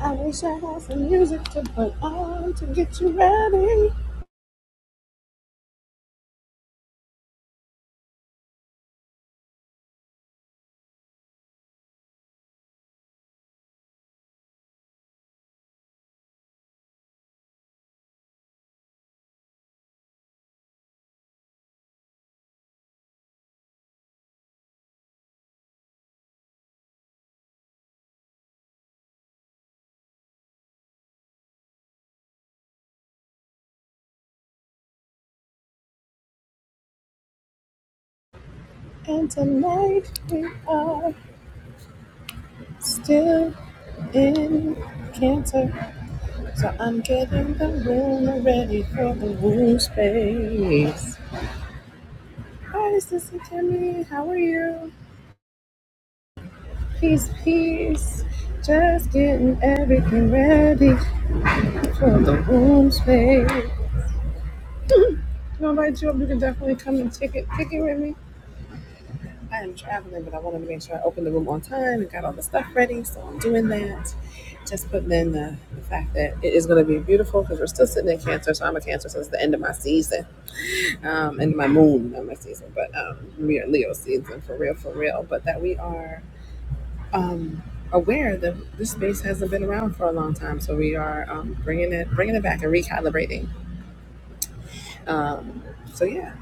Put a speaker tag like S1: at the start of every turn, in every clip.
S1: I wish I had some music to put on to get you ready. And tonight we are still in cancer. So I'm getting the room ready for the room space. Hi, Sister Timmy. How are you? Peace, peace. Just getting everything ready for the room space. Come invite you up. You can definitely come and take it, pick it with me. I am traveling, but I wanted to make sure I opened the room on time and got all the stuff ready. So I'm doing that. Just putting in the, the fact that it is going to be beautiful because we're still sitting in Cancer. So I'm a Cancer, so it's the end of my season, um, end of my moon, not my season, but um, we are Leo season for real, for real. But that we are um, aware that this space hasn't been around for a long time, so we are um, bringing it, bringing it back and recalibrating. Um, so yeah,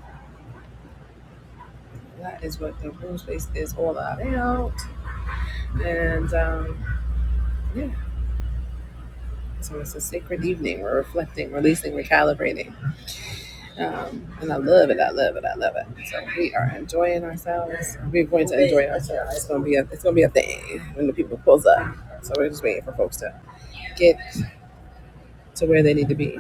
S1: that is what the room space is all about, and um, yeah. So it's a sacred evening. We're reflecting, releasing, recalibrating. Um, and I love it. I love it. I love it. So we are enjoying ourselves. We're going to enjoy ourselves. It's gonna be a it's gonna be a thing when the people pulls up. So we're just waiting for folks to get to where they need to be.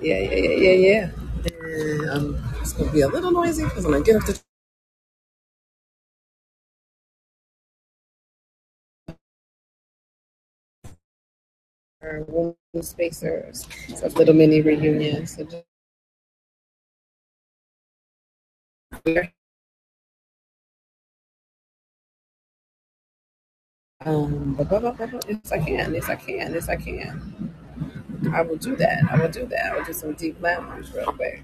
S1: Yeah, yeah, yeah, yeah, yeah. And um, it's gonna be a little noisy because I'm gonna get up to our room spacers. So It's a little mini reunion. So just we're um, but, but, but, but, yes, I can. Yes, I can. Yes, I can. I will do that. I will do that. I will do some deep lounge real quick.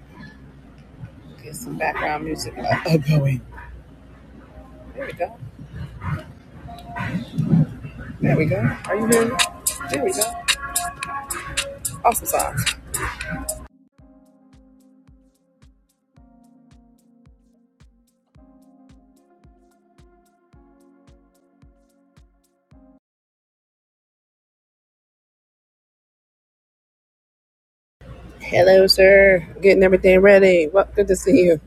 S1: Get some background music. Oh, there we go. There we go. Are you ready? There we go. Awesome sauce. Hello, sir. Getting everything ready. Well, good to see you.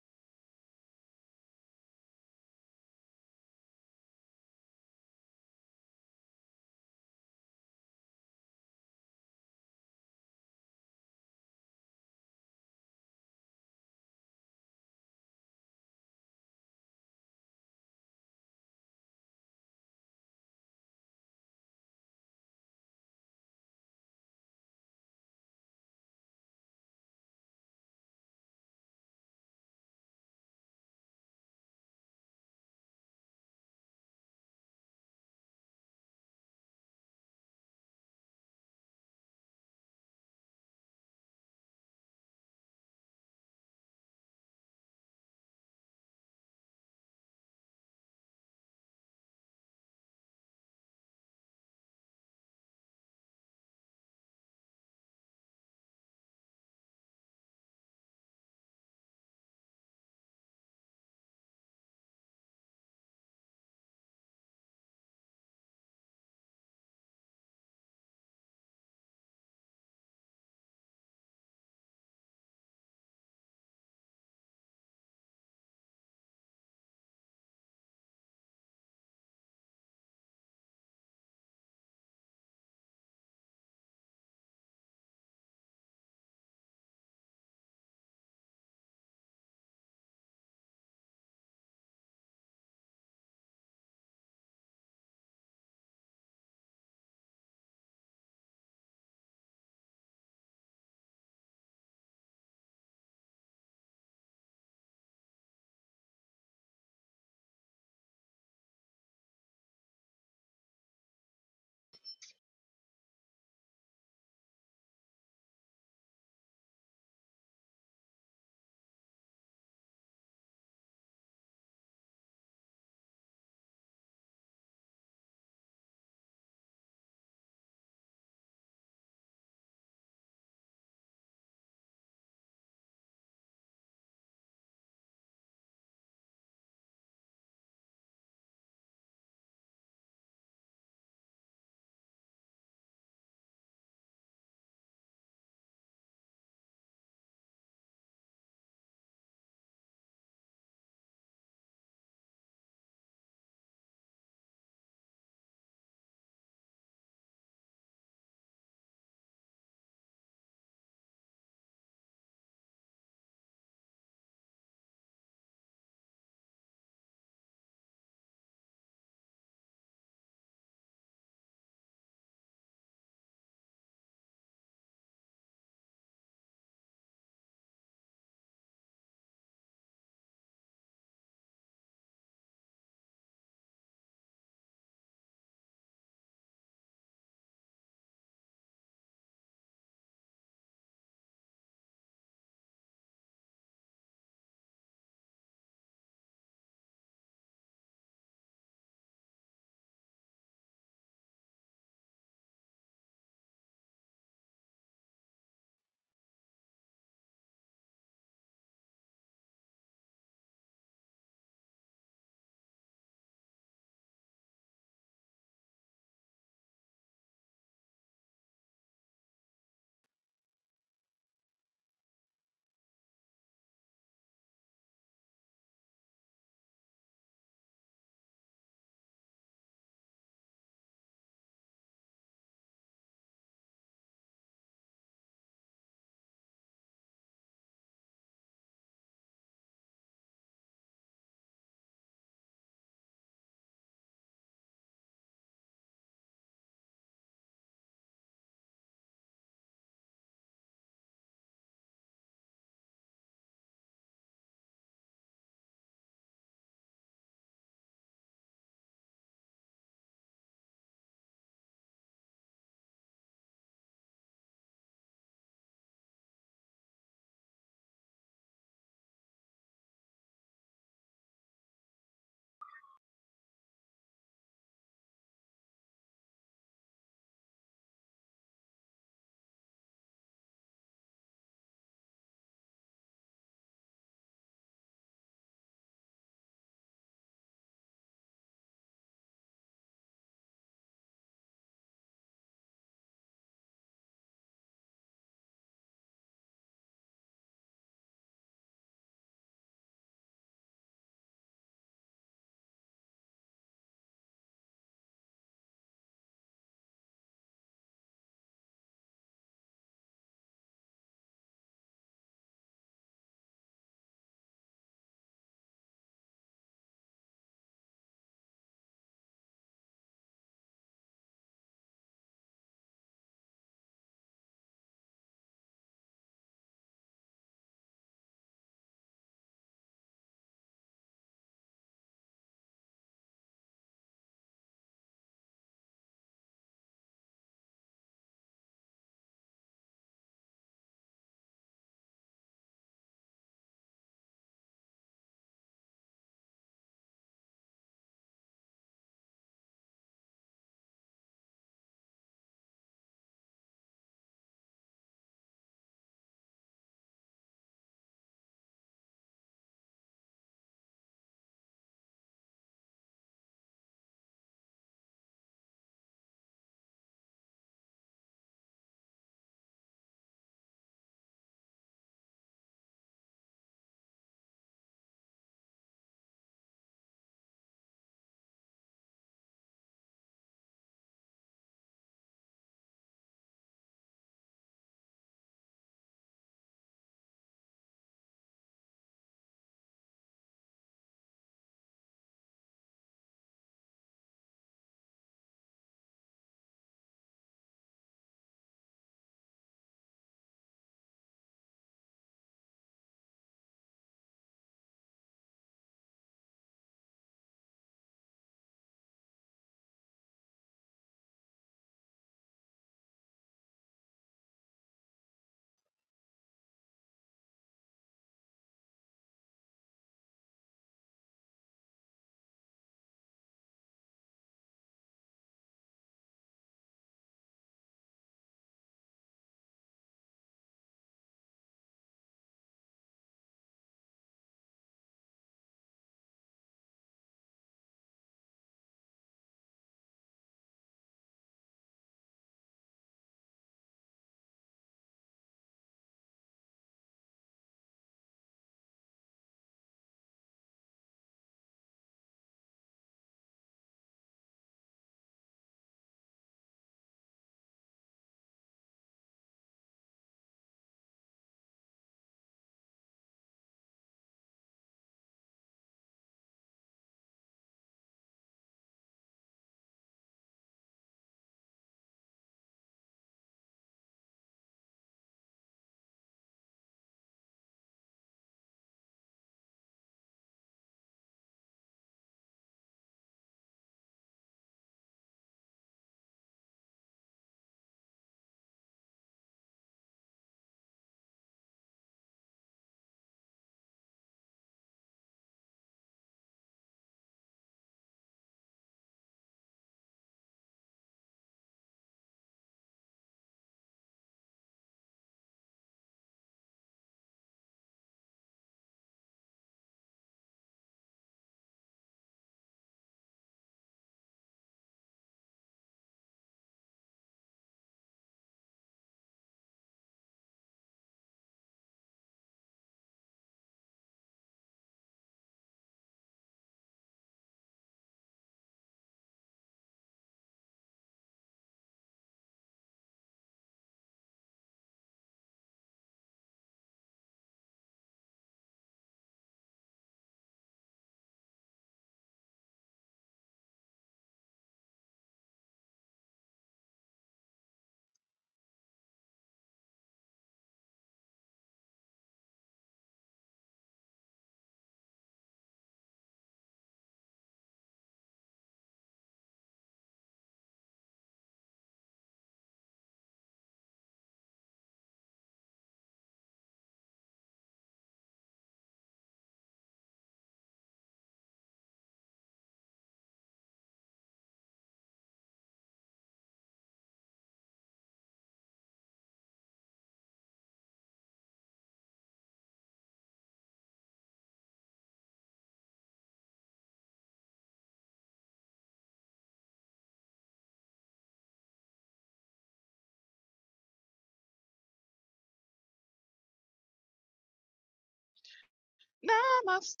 S1: Namaste.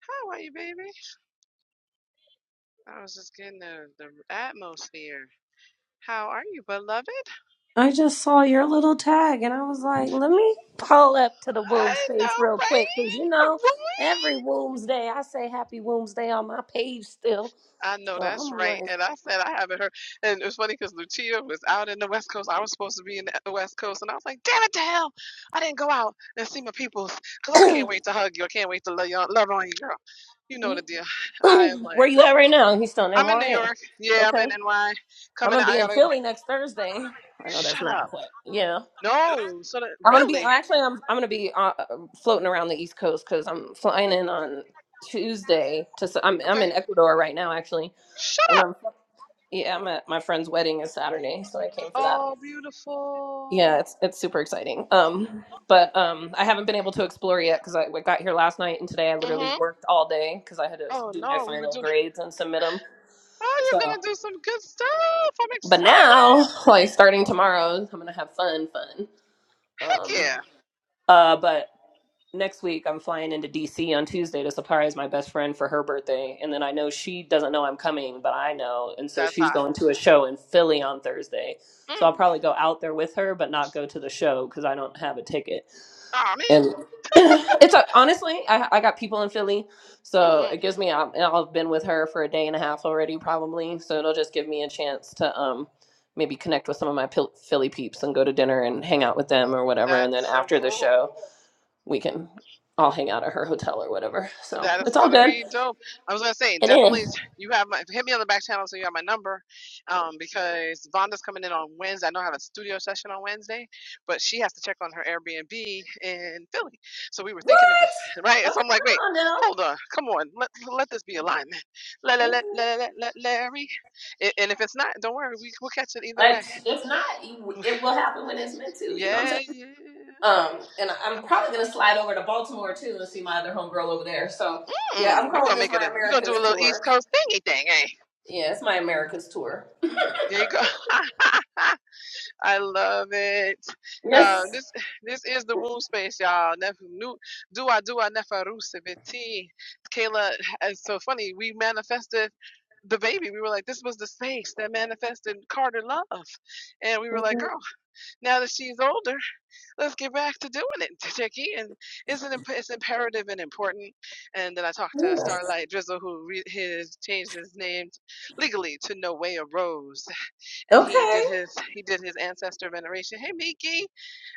S1: How are you, baby? I was just getting the, the atmosphere. How are you, beloved?
S2: I just saw your little tag and I was like, let me pull up to the womb
S1: I
S2: space
S1: know,
S2: real
S1: right?
S2: quick because you know,
S1: Right?
S2: every womb's day I say happy womb's day on my page still.
S1: I know
S2: So
S1: that's
S2: I'm
S1: right.
S2: like,
S1: And I said I haven't heard. And it was funny because Lucia was out in the West Coast. I was supposed to be in the West Coast. And I was like, damn it to hell. I didn't go out and see my peoples because I can't wait to hug you. I can't wait to love, you, love on you, girl. You know the
S2: you-
S1: deal. I am like,
S2: where you
S1: whew.
S2: at right now? He's still in
S1: I'm in New
S2: NYM.
S1: York. Yeah, I'm in
S2: Okay.
S1: NY.
S2: I'm
S1: Coming
S2: going
S1: out.
S2: to be
S1: I
S2: in
S1: got to go.
S2: Philly next Thursday. I know that's
S1: shut
S2: not
S1: up.
S2: quick. Yeah.
S1: No. So that,
S2: I'm going to be,
S1: really?
S2: actually, I'm, I'm going to be uh, floating around the East Coast because I'm flying in on Tuesday to, s- I'm, I'm
S1: Okay.
S2: in Ecuador right now, actually.
S1: Shut
S2: and
S1: up.
S2: I'm. Yeah, I'm at my friend's wedding is Saturday, so I came for that.
S1: Oh, beautiful.
S2: Yeah, it's it's super exciting. Um, but um, I haven't been able to explore yet because I, I got here last night and today I literally
S1: Mm-hmm.
S2: worked all day because I had to
S1: Oh,
S2: do my
S1: no. We were
S2: final
S1: doing,
S2: grades and submit them.
S1: oh, you're
S2: So,
S1: going to do some good stuff. I'm
S2: but
S1: excited.
S2: now, like starting tomorrow, I'm gonna have fun, fun.
S1: Heck
S2: Um,
S1: yeah.
S2: uh, but next week I'm flying into DC on Tuesday to surprise my best friend for her birthday. And then I know she doesn't know I'm coming, but I know. And so
S1: That's
S2: she's
S1: hot.
S2: going to a show in Philly on Thursday. So I'll
S1: Mm.
S2: probably go out there with her, but not go to the show because I don't have a ticket.
S1: Oh
S2: And
S1: man,
S2: it's a, honestly, I, I got people in Philly. So
S1: hmm
S2: it gives me, i and I've been with her for a day and a half already, probably. So it'll just give me a chance to, um, maybe connect with some of my Pil- Philly peeps and go to dinner and hang out with them or whatever. And then
S1: that's so
S2: after the
S1: cool.
S2: show, we can all hang out at her hotel or whatever. So
S1: That is
S2: it's all
S1: gonna
S2: good.
S1: be dope. I was gonna say
S2: It
S1: definitely
S2: is.
S1: you have my hit me on the back channel so you have my number, um because Vonda's coming in on Wednesday. I know I have a studio session on Wednesday, but she has to check on her Airbnb in Philly. So we were thinking of
S2: What?
S1: right.
S2: Okay,
S1: So I'm like, wait,
S2: come on
S1: hold
S2: now.
S1: on, come on, let let this be alignment. Let let let
S2: Okay.
S1: let let let Larry. A- And if it's not, don't worry, we we'll catch it either way.
S2: Like, if not, it will happen when it's meant to. You know what I'm
S1: Yeah,
S2: saying?
S1: yeah.
S2: Um, and I'm probably gonna slide over to Baltimore too and see my other homegirl over there. So yeah,
S1: Hmm,
S2: I'm
S1: you
S2: calling
S1: gonna
S2: this
S1: make it
S2: my
S1: a you gonna do a
S2: America's
S1: little East
S2: tour.
S1: Coast thingy thing, eh?
S2: Yeah, it's my America's tour.
S1: There you go. I love it. Uh,
S2: Yes.
S1: this this is the womb space, y'all. Nef- nu- Dua dua nefarusa Kayla, it's so funny. We manifested the baby. We were like, this was the space that manifested Carter Love, and we were like,
S2: Mm-hmm.
S1: girl, now that she's older. let's get back to doing it, Jackie. And isn't it's it's imperative and important. And then I talked to Starlight Drizzle, who re- his changed his name legally to Noea Rose, and he did
S2: Okay.
S1: his he did his ancestor veneration. Hey, Miki,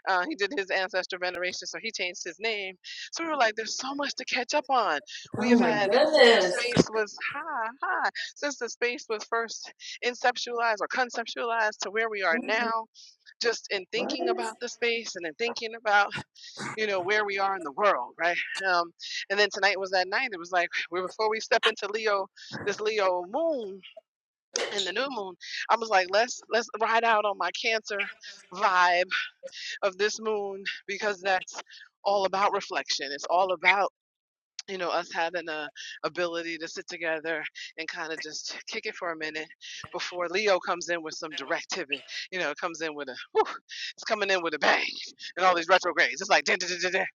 S1: uh, he did his ancestor veneration, so he changed his name. So we were like, there's so much to catch up on. We
S2: Oh
S1: have
S2: my
S1: had since the
S2: goodness.
S1: space was hi hi since the space was first inceptualized or conceptualized to where we are now just in thinking about the space and in thinking about you know where we are in the world right um and then tonight was that night it was like we before we step into leo this leo moon and the new moon i was like let's let's ride out on my cancer vibe of this moon because that's all about reflection it's all about you know, us having a ability to sit together and kind of just kick it for a minute before Leo comes in with some directive and, you know, comes in with a, whew, it's coming in with a bang and all these retrogrades. It's like, "Dun, dun, dun, dun, dun."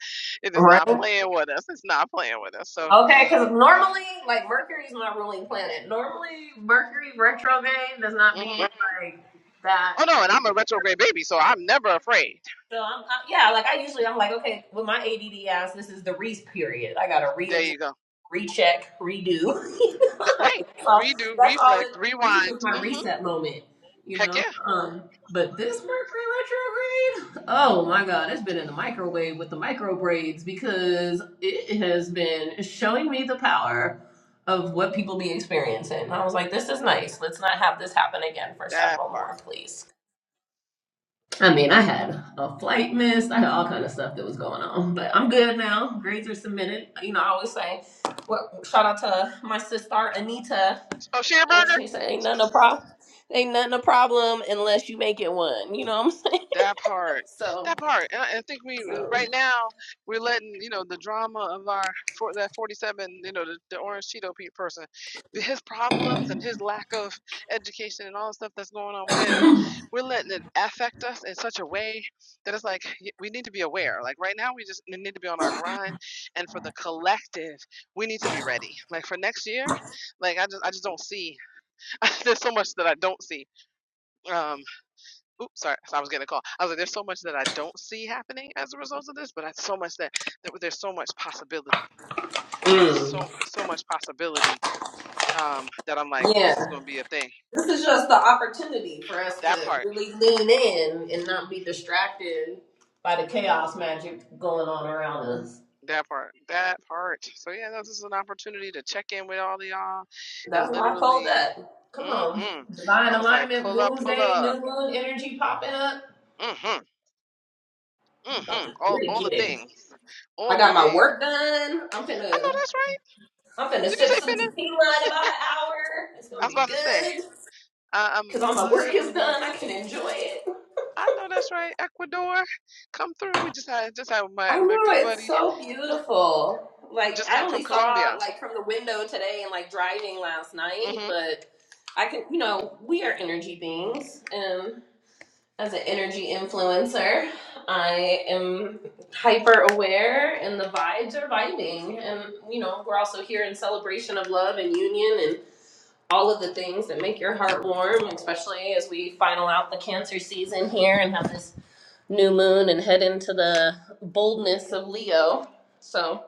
S1: it is
S2: Right.
S1: not playing with us. It's not playing with us. So,
S2: Okay, because normally, like Mercury's my ruling planet. Normally, Mercury retrograde does not
S1: mhm.
S2: be like that.
S1: oh no, and I'm a retrograde baby, so I'm never afraid.
S2: So I'm I, yeah, like I usually I'm like okay, with my ADD ass, this is the re period. I gotta
S1: There
S2: reexamine
S1: you go.
S2: recheck, redo. You
S1: Th-
S2: know?
S1: Right.
S2: that's all.
S1: Redo,
S2: That's all. It,
S1: reflect,
S2: this is
S1: rewind.
S2: just my
S1: hmm
S2: reset moment, you
S1: Heck yeah.
S2: know. Um, but this Mercury retrograde, oh my God, it's been in the microwave with the micro braids because it has been showing me the power of what people be experiencing. And I was like, this is nice. Let's not have this happen again for
S1: That
S2: several
S1: part.
S2: more, please. I mean, I had a flight missed. I had all kind of stuff that was going on, but I'm good now. Grades are submitted. You know, I always say, well, shout out to my sister Anita.
S1: Oh,
S2: And
S1: Shearburger?
S2: she said, "Ain't nothing a problem. Ain't nothing a problem unless you make it one." You know what I'm saying?
S1: That part,
S2: So,
S1: that part, and I, I think we we-
S2: so
S1: right now we're letting you know the drama of our for that forty-seven, you know, the, the orange Cheeto pe- person, the- his problems and his lack of education and all the stuff that's going on with him. We're letting it affect us in such a way that it's like y- we need to be aware. Like right now, we just n- need to be on our grind, and for the collective, we need to be ready. Like for next year, like I just I just don't see. There's so much that I don't see. um, Oops, sorry. So I was getting a call. I was like, there's so much that I don't see happening as a result of this, but I, so much that, that there's so much possibility, so
S2: mm,
S1: so much possibility um, that I'm like, this is
S2: yeah.
S1: going to be a thing.
S2: This is just the opportunity for us
S1: That
S2: to
S1: part,
S2: really lean in and not be distracted by the chaos magic going on around us.
S1: that part, that part. So yeah, no, this is an opportunity to check in with all of y'all, and
S2: That's why I pulled
S1: literally,
S2: up. Come on.
S1: mm-hmm. I
S2: Divine
S1: was like,
S2: alignment,
S1: pull up, pull
S2: Wednesday,
S1: up,
S2: new moon energy popping up.
S1: mm-hmm,
S2: I'm About
S1: mm-hmm,
S2: to
S1: all
S2: really
S1: all the
S2: get it.
S1: things,
S2: I
S1: all the
S2: got my
S1: things.
S2: work done. I'm
S1: I know
S2: finna
S1: that's right.
S2: I'm finna
S1: Did you
S2: sip
S1: say
S2: some
S1: finna?
S2: tequila in about an hour. It's
S1: I
S2: gonna
S1: was
S2: be
S1: about to say,
S2: good.
S1: I,
S2: Cause all
S1: I'm
S2: my work is
S1: literally
S2: done. I can enjoy it.
S1: I know that's right. Ecuador, come through. We just had just had my
S2: I
S1: my
S2: know
S1: good
S2: it's
S1: buddy
S2: so beautiful. Like
S1: just
S2: I
S1: come from
S2: only saw
S1: Colombia.
S2: like from the window today and like driving last night,
S1: hmm
S2: but I can you know, we are energy beings. and. as an energy influencer, I am hyper aware and the vibes are vibing. And, you know, we're also here in celebration of love and union and all of the things that make your heart warm, especially as we final out the cancer season here and have this new moon and head into the boldness of Leo. So,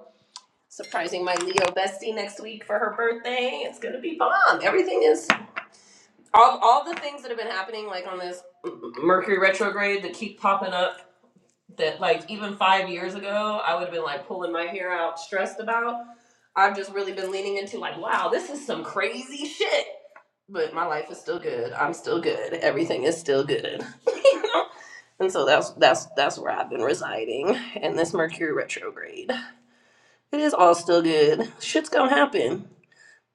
S2: surprising my Leo bestie next week for her birthday. It's going to be bomb. Everything is all all the things that have been happening like on this Mercury retrograde that keep popping up that like even five years ago I would have been like pulling my hair out, stressed about. I've just really been leaning into like, wow, this is some crazy shit. But my life is still good. I'm still good. Everything is still good. You know? and so that's that's that's where I've been residing. And this Mercury retrograde, it is all still good. Shit's gonna happen.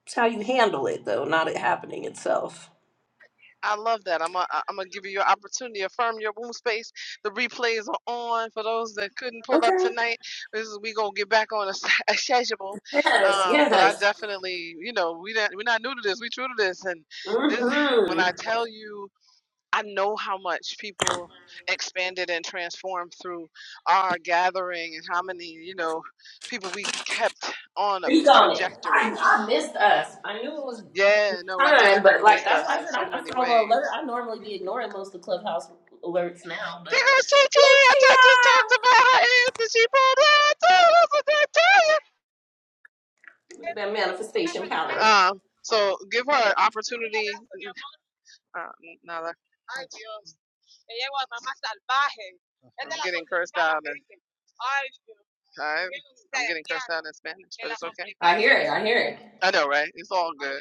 S2: It's how you handle it though, not it happening itself.
S1: I love that. I'm i I'm gonna give you your opportunity. Affirm your womb space. The replays are on for those that couldn't pull up
S2: Okay.
S1: tonight. This is we gonna get back on a, s- a schedule.
S2: Yes.
S1: Um, but I
S2: Yes.
S1: definitely, you know, we not, we're not new to this. We true to this. And this, when
S2: Mm-hmm.
S1: I tell you. I know how much people expanded and transformed through our gathering and how many, you know, people we kept on a
S2: Speak on it. I,
S1: trajectory.
S2: I missed us. I knew it was.
S1: Yeah, no, I
S2: time,
S1: definitely
S2: but like
S1: missed
S2: that's
S1: us
S2: why I
S1: in
S2: said I,
S1: so
S2: I
S1: many
S2: saw the
S1: ways.
S2: alert. I normally be ignoring most of the clubhouse alerts now, but
S1: There goes TT. I t-
S2: Lucia,
S1: just talked about her ass and she pulled her too. That's what I tell
S2: look at that manifestation power.
S1: you. Um, so give her an opportunity. Uh, Nala. I'm getting cursed out. in- I, I'm getting cursed out in Spanish, but it's okay.
S2: I hear it. I hear it.
S1: I know, right? It's all good.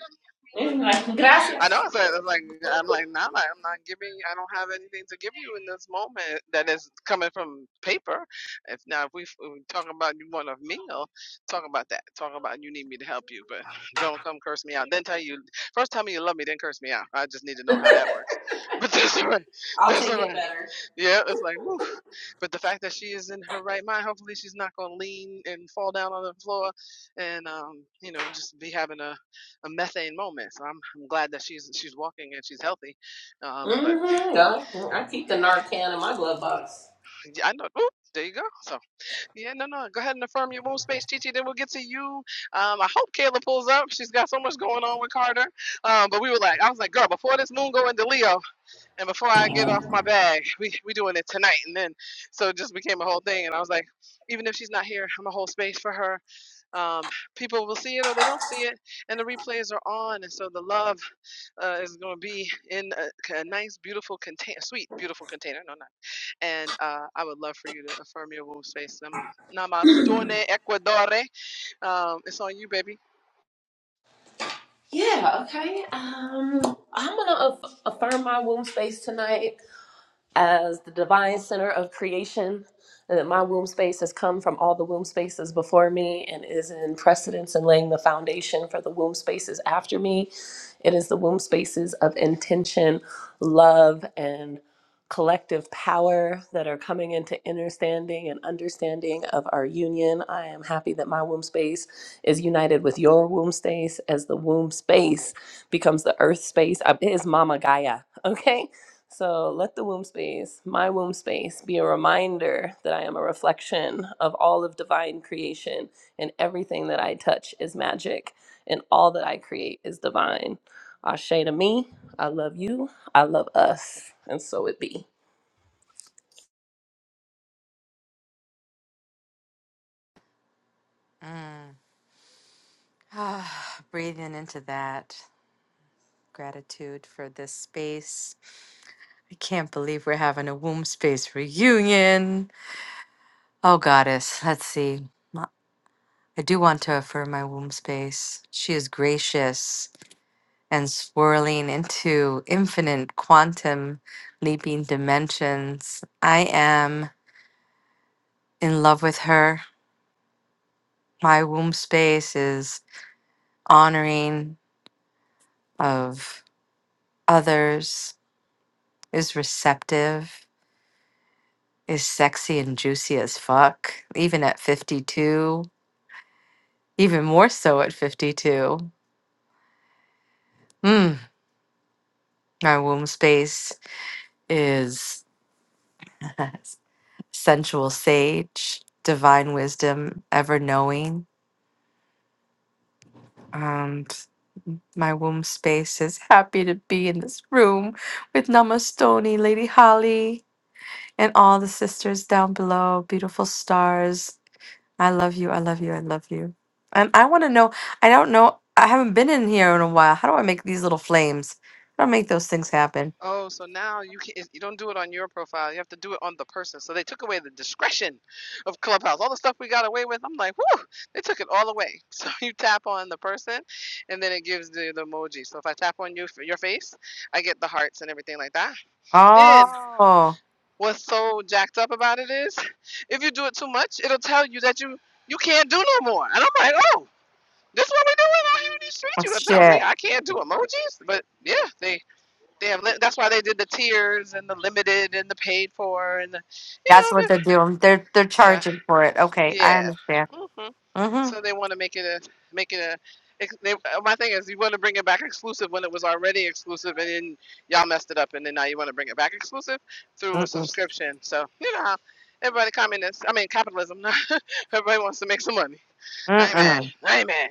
S2: It's like,
S1: I
S2: Gracias.
S1: know. I it's like I'm like, nah, I'm not giving. I don't have anything to give you in this moment that is coming from paper. If now, if we, if we talk about you want a meal, talk about that. Talk about you need me to help you, but don't come curse me out. Then tell you first tell me you love me, then curse me out. I just need to know how that works. But that's alright.
S2: I'll
S1: that's
S2: take
S1: all right.
S2: it better.
S1: Yeah, it's like woof. But the fact that she is in her right mind, hopefully she's not gonna lean and fall down on the floor, and um, you know, just be having a, a methane moment. So I'm I'm glad that she's she's walking and she's healthy. Um, but
S2: Mm-hmm. I, I keep the
S1: yeah,
S2: Narcan in my glove box.
S1: Yeah, I know. Oop, there you go. So yeah, no, no, go ahead and affirm your womb space, Chi Chi. Then we'll get to you. Um, I hope Kayla pulls up. She's got so much going on with Carter. Um, but we were like, I was like, girl, before this moon go into Leo. and before I get off my bag, we we doing it tonight. And then, so it just became a whole thing. And I was like, even if she's not here, I'm a whole space for her. Um, people will see it or they don't see it, and the replays are on. And so the love uh, is going to be in a a nice, beautiful container, sweet, beautiful container. No, not. And uh, I would love for you to affirm your womb space. Nam- Namaste, Ecuador. Um, it's on you, baby.
S2: Yeah. Okay. Um, I'm gonna aff- affirm my womb space tonight as the divine center of creation and that my womb space has come from all the womb spaces before me, and laying the for the womb spaces in me. love and Claire that understand that my womb space is your womb, womb space because I am. Okay. So let the yes, my womb space be a reminder that I am a reflection of all of divine creation and everything that I touch is magic and all that I create is divine. Ashe to me, I love you, I love us, and so it be.
S3: Ah, breathing into that gratitude for this space. I can't believe we're having a womb space reunion. Oh, goddess, let's see. Ma- I do want to affirm my womb space. She is gracious and swirling into infinite quantum leaping dimensions. I am in love with her. My womb space is honoring of others, is receptive is sexy and juicy as fuck, even at 52, even more so at 52. Mm, my womb space is sensual sage, divine wisdom, ever knowing. And my womb space is happy to be in this room with Namastoni, Lady Holly, and all the sisters down below, beautiful stars. I love you. I love you. I love you. And I want to know. I don't know. I haven't been in here in a while. How do I make these little flames? How do I make those things happen?
S1: Oh, so now you can not you don't do it on your profile. You have to do it on the person. So they took away the discretion of Clubhouse. All the stuff we got away with, I'm like, whew, they took it all away. So you tap on the person, and then it gives the, the emoji. So if I tap on you for your face, I get the hearts and everything like that. Then
S3: Oh,
S1: what's so jacked up about it is, if you do it too much, it'll tell you that you you can't do no more. And I'm like, oh, this is what we doing out here in these streets?
S3: oh,
S1: You gonna tell me
S3: shit!
S1: I can't do emojis? But yeah, they Damn, li- that's why they did the tiers and the limited and the paid for and the, you
S3: That's
S1: know,
S3: what they're doing. They're they're
S1: the,
S3: charging for it.
S1: the
S3: Okay, I
S1: yeah.
S3: understand.
S1: hmm So
S3: Mm-hmm.
S1: they want to make it a make it a. ex- They, uh, my thing is, you want to bring it back exclusive when it was already exclusive, and then y'all messed it up, and then now you want to bring it back exclusive through a
S3: Mm-mm.
S1: subscription. So you know how everybody communist, I mean capitalism. everybody wants to make some money. I ain't mad.
S3: Mm-mm.
S1: I ain't mad.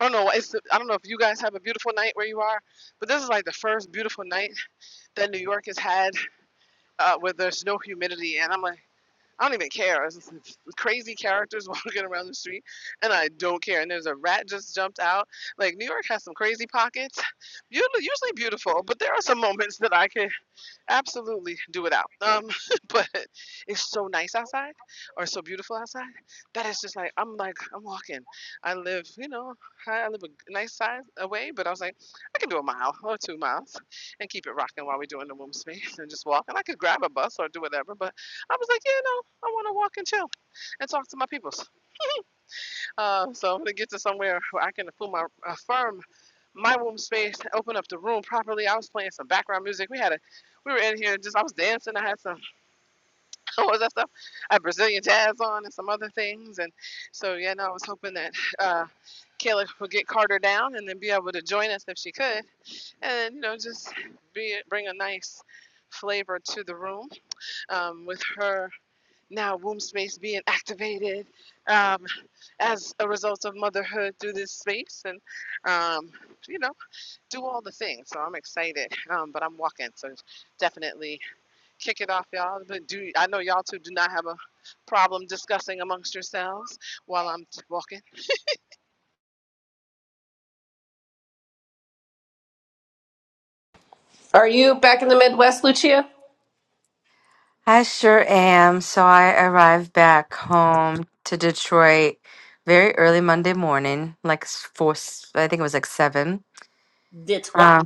S1: I don't know. It's, I don't know if you guys have a beautiful night where you are, but this is like the first beautiful night that New York has had uh, where there's no humidity, and I'm like, I don't even care. It's crazy characters walking around the street, and I don't care. And there's a rat just jumped out. Like New York has some crazy pockets, usually beautiful, but there are some moments that I can absolutely do it out. Um, but it's so nice outside or so beautiful outside that it's just like I'm like I'm walking. I live, you know, I I live a nice size away, but I was like, I can do a mile or two miles and keep it rocking while we're doing the womb space and just walk. And I could grab a bus or do whatever, but I was like, you know, I want to walk and chill and talk to my peoples. Uh, so I'm gonna get to somewhere where I can affirm my, affirm my womb space, open up the room properly. I was playing some background music. We had a, we were in here just I was dancing. I had some what was that stuff? I had Brazilian jazz on and some other things. And so yeah, no, I was hoping that uh, Kayla would get Carter down and then be able to join us if she could, and you know just be bring a nice flavor to the room um, with her now womb space being activated um, as a result of motherhood through this space and um, you know do all the things so i'm excited um, but i'm walking so definitely kick it off y'all but do i know y'all two do not have a problem discussing amongst yourselves while i'm walking
S2: Are you back in the Midwest, Lucia?
S3: I sure am. So I arrived back home to Detroit very early Monday morning, like s- four. s- I think it was like seven.
S2: That's
S3: Um,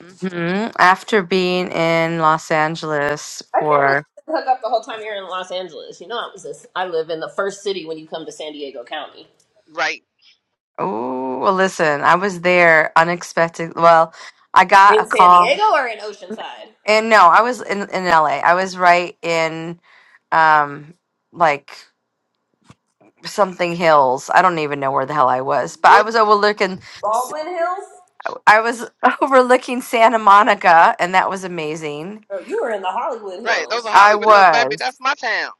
S3: Mhm. After being in Los Angeles
S2: I can't believe
S3: for,
S2: you hook up the whole time you're in Los Angeles. You know, I was this. I live in the first city when you come to San Diego County.
S1: right
S3: oh, well, listen, I was there unexpected. Well, I got a
S2: In San
S3: call,
S2: Diego or in Oceanside?
S3: and no, I was in, in LA. I was right in, um, like something hills. I don't even know where the hell I was, but I
S1: Wood,
S3: was overlooking,
S2: Baldwin Hills?
S3: I was overlooking Santa Monica, and that was amazing.
S2: No, you were in the Hollywood
S1: right those are
S2: Hills.
S3: I
S1: hollywood hills baby
S3: was.
S1: that's my town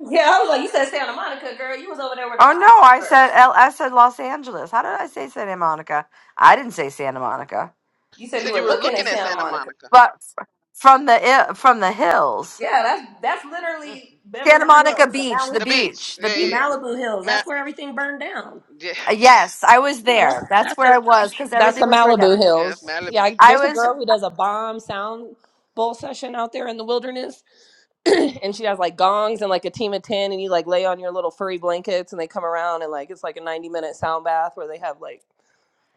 S2: Yeah, I was like, you said Santa Monica, girl. You was over there where the
S3: Oh
S2: fires
S3: no, I
S2: were.
S3: said L- I said Los Angeles. How did I say Santa Monica? I didn't say Santa Monica.
S2: You
S1: you
S2: said you
S1: said you
S2: were
S1: were
S2: looking at
S1: looking at
S2: Santa
S1: santa
S2: Monica.
S1: monica
S3: but from the from the hills,
S2: Yeah, that's that's
S1: mm,
S2: literally
S3: Santa
S2: Beverly Hills,
S3: Monica
S2: the
S3: Beach,
S2: Malibu,
S3: the
S1: the beach
S3: beach, the
S1: yeah
S2: the
S1: yeah
S3: beach.
S1: yeah
S2: Malibu Hills. That's where
S1: Ma-
S2: everything burned down.
S1: yeah,
S3: Yes, I was
S2: Yeah, that's
S3: there. That's
S2: that's
S3: where
S2: the
S3: I was because
S2: that's the
S3: everything was right up.
S2: Malibu
S1: yeah that's
S2: Hills.
S1: malibu
S2: Yeah, I,
S3: I
S2: there's a
S3: was.
S2: girl who does a bomb sound bowl session out there in the wilderness, and she has like gongs and like a team of ten, and you like lay on your little furry blankets, and they come around and like it's like a 90 minute sound bath where they have like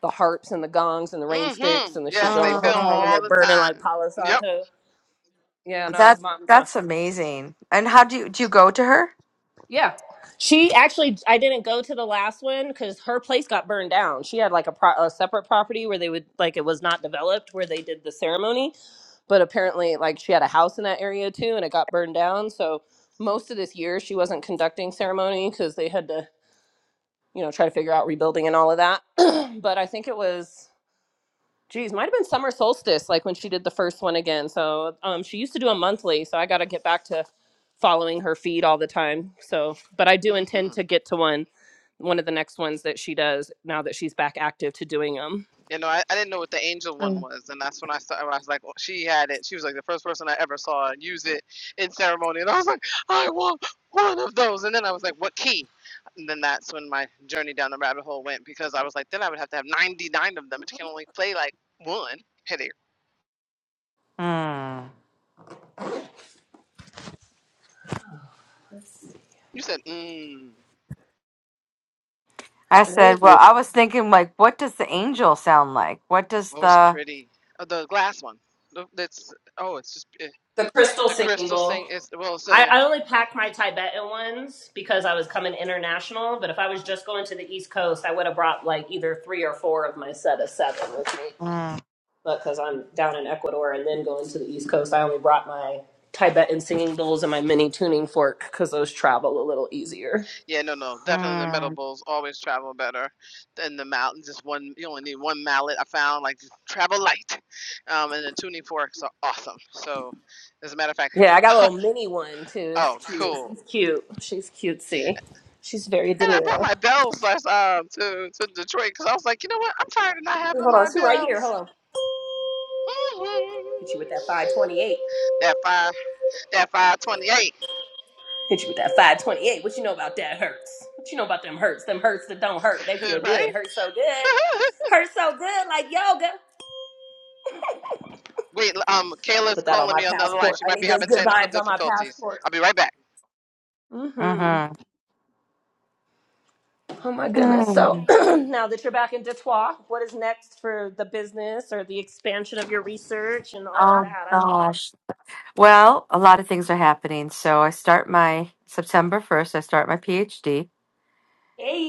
S2: the harps and the gongs and the rain
S1: Mm-hmm.
S2: sticks and the shit
S1: Yes, they
S2: going the whole
S1: film
S2: time, and
S3: Uh,
S1: all
S2: they're
S1: the
S2: burning like
S1: time.
S2: Palo
S1: Yep.
S2: Santo. Yeah, no, it's
S3: that's
S2: mom.
S3: that's amazing. And how do you do? You go to her?
S2: Yeah. She actually, I didn't go to the last one because her place got burned down. She had like a, pro- a separate property where they would, like, it was not developed where they did the ceremony. But apparently, like, she had a house in that area too and it got burned down. So most of this year, she wasn't conducting ceremony because they had to, you know, try to figure out rebuilding and all of that. but I think it was. Geez, might have been summer solstice, like when she did the first one again. So um, she used to do a monthly, so I got to get back to following her feed all the time. So, but I do
S1: Mm-hmm.
S2: intend to get to one, one of the next ones that she does now that she's back active to doing them.
S1: You know, I, I didn't know what the angel one
S3: Mm.
S1: was, and that's when I saw. I was like, oh, she had it. She was like the first person I ever saw use it in ceremony, and I was like, I want one of those. And then I was like, what key? And then that's when my journey down the rabbit hole went because I was like, then I would have to have 99 of them, but you can only play like one. Headache.
S3: Hmm.
S1: You said, mm.
S3: I said, well,
S2: The
S3: I was thinking, like, what does the angel sound like? What does
S1: Oh, it's
S3: the.
S1: pretty. Uh, the glass one. The- That's oh, it's just eh,
S2: crystal
S1: the
S2: singing
S1: crystal
S2: bowl.
S1: thing is well, it's,
S2: I,
S1: uh,
S2: I only packed my Tibetan ones because I was coming international. But if I was just going to the East Coast, I would have brought like either three or four of my set of seven with me.
S3: Mm,
S2: but because I'm down in Ecuador and then going to the East Coast, I only brought my Tibetan singing bowls and my mini tuning fork because those travel a little easier.
S1: Yeah, no, no, definitely the metal
S3: mm,
S1: bowls always travel better than the mallet. Just one, you only need one mallet. I found like just travel light, um, and the tuning forks are awesome. So, as a matter of fact,
S2: Yeah, I got a little mini one too. It's
S1: oh,
S2: cute.
S1: cool.
S2: She's cute. She's cutesy. She's very
S1: And I brought
S2: demure.
S1: my bells last um to to Detroit because I was like, you know what, I'm tired of not having
S2: Hold on,
S1: my
S2: she right here. Hold
S1: bells.
S2: on. Hit you with that 528.
S1: That five, that five twenty eight,
S2: Hit you with that 528. What you know about that hurts? What you know about them hurts? Them hurts that don't hurt. They feel good.
S1: right?
S2: Hurt so good. Hurt so good like yoga.
S1: Wait, um, Kayla's
S2: Put that on
S1: calling
S2: my
S1: me on the other line.
S2: passport.
S1: She
S2: I
S1: might
S2: need
S1: be
S2: those
S1: having
S2: good
S1: technical
S2: vibes on my
S1: difficulties.
S2: passport.
S1: I'll be right back.
S2: hmm
S3: mm-hmm.
S2: Oh my goodness. So
S3: Mm.
S2: now that you're back in Detroit, what is next for the business or the expansion of your research and all of
S3: Oh,
S2: that? I'm
S3: gosh. Well, a lot of things are happening. So I start my September 1st, I start my PhD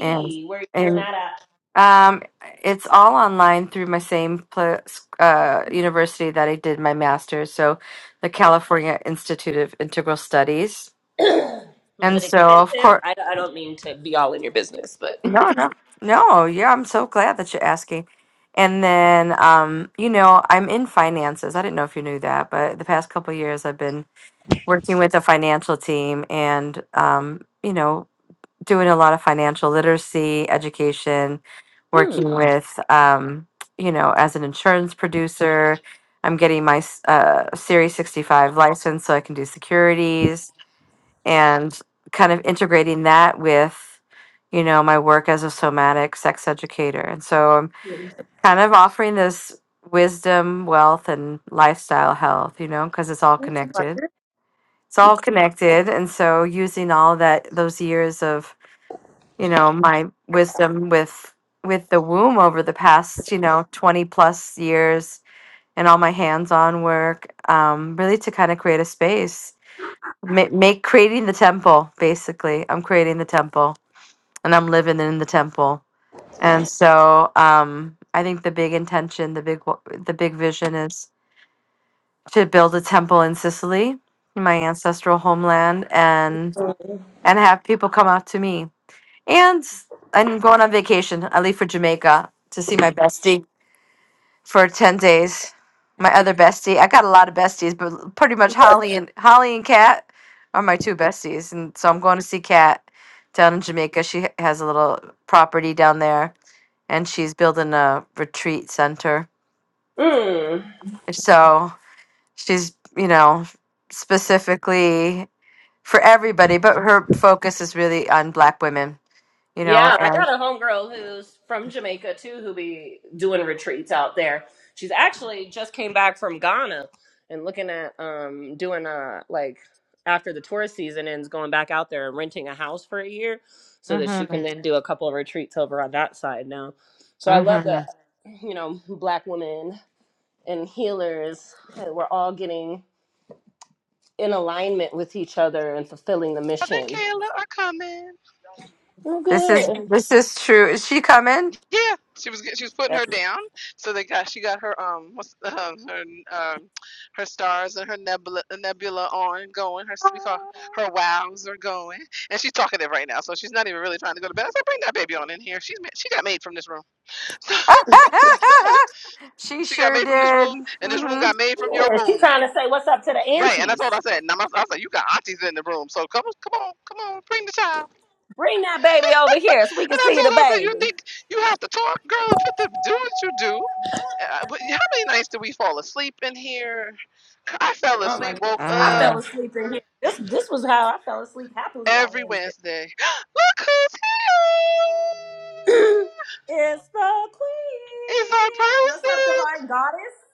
S3: and
S2: where are you doing
S3: and
S2: that
S3: um it's all online through my same pla- uh university that I did my master's, so the California Institute of Integral Studies.
S2: at? Was
S3: And
S2: it
S3: so of
S2: expensive?
S3: course,
S2: I, I don't mean to be all in your business, but.
S3: no, no. No, yeah, I'm so glad that you're asking. And then um you know, I'm in finances. I didn't know if you knew that, but the past couple years I've been working with the financial team and um, you know doing a lot of financial literacy education
S2: hmm.
S3: working Mhm. with um, you know as an insurance producer i'm getting my s- uh, series 65 license so i can do securities and kind of integrating that with you know my work as a somatic sex educator and so i'm kind of offering this wisdom wealth and lifestyle health you know because it's all connected it's all connected and so using all that those years of you know my wisdom with with the womb over the past you know 20 plus years and all my hands-on work um, really to kind of create a space make, make creating the temple basically i'm creating the temple and i'm living in the temple and so um, i think the big intention the big wa- the big vision is to build a temple in sicily in my ancestral homeland and have people come out to me. And I'm going on vacation. I leave for Jamaica to see my bestie for ten days. My other bestie. I got a lot of besties, but pretty much Holly and Holly and Kat are my two besties. And so I'm going to see Kat down in Jamaica. She has a little property down there, and she's building a retreat center.
S2: Mm.
S3: So she's you know specifically for everybody, but her focus is really on Black women. You know,
S2: Yeah, I
S3: and.
S2: got a homegirl who's from Jamaica too, who be doing retreats out there. She's actually just came back from Ghana and looking at um doing uh like after the tourist season ends, going back out there and renting a house for a year so that she
S3: Mm-hmm.
S2: can then do a couple of retreats over on that side now. So I love
S3: Mm-hmm.
S2: that you know black women and healers that we're all getting in alignment with each other and fulfilling the
S1: and
S2: mission.
S1: Kayla are coming.
S2: Oh,
S3: This is
S2: good.
S3: this is true. Is she coming?
S1: Yeah, she was she was putting her down. So they got she got her um what's um her um her stars and her nebula uh, nebula on going. Her we call her wows are going, and she's talkative right now. So she's not even really trying to go to bed. I said bring that baby on in here. She's she got made from this room. So
S3: she
S1: she got
S3: sure
S1: made from this
S3: did.
S1: room, and this room
S3: Mm-hmm.
S1: got made from your
S2: Yeah, she
S1: room.
S2: trying to say what's up to the
S1: Right, and that's
S2: aunties.
S1: what I said. And I'm- I said, you got aunties in the room, so come, come on, come on, bring the child.
S2: Bring that baby over here so we
S1: And
S2: can
S1: I
S2: see
S1: told
S2: the
S1: her, I said,
S2: baby.
S1: you think you have to talk, girl? You have to do what you do. Uh, but how many nights do we fall asleep in here? I fell
S2: Oh my
S1: asleep,
S2: goodness.
S1: woke
S2: I
S1: up
S2: fell asleep in here. This this was how I fell asleep happily on
S1: every
S2: Wednesday.
S1: Wednesday. Look who's here!
S2: it's the
S1: It's our
S2: queen. What's up,
S1: person!
S2: divine goddess?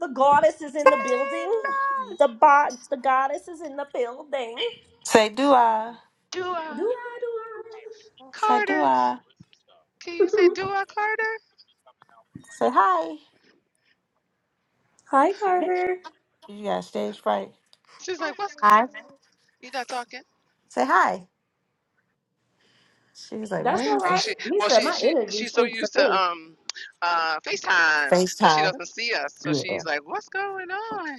S2: The goddess is in the building. The bot the goddess is in the building.
S4: Say do I.
S1: Dua
S2: Do I do
S4: Say do
S1: Carter.
S4: I.
S1: Can you say
S2: I?
S1: Dua Carter?
S4: Say hi.
S2: Hi Carter.
S4: You got stage fright.
S1: She's like, what's
S3: I
S1: you not talking?
S4: Say hi. She's like,
S2: That's
S4: when
S2: all
S4: is
S1: Oh,
S2: right.
S4: this
S1: she
S2: He
S1: well,
S2: said
S1: she
S2: my
S1: she
S2: energy
S1: she's so
S2: speaks for
S1: used to
S2: me.
S1: um uh FaceTime that she
S4: FaceTime?
S1: doesn't see us. So
S4: Yeah.
S1: she's like, what's going on?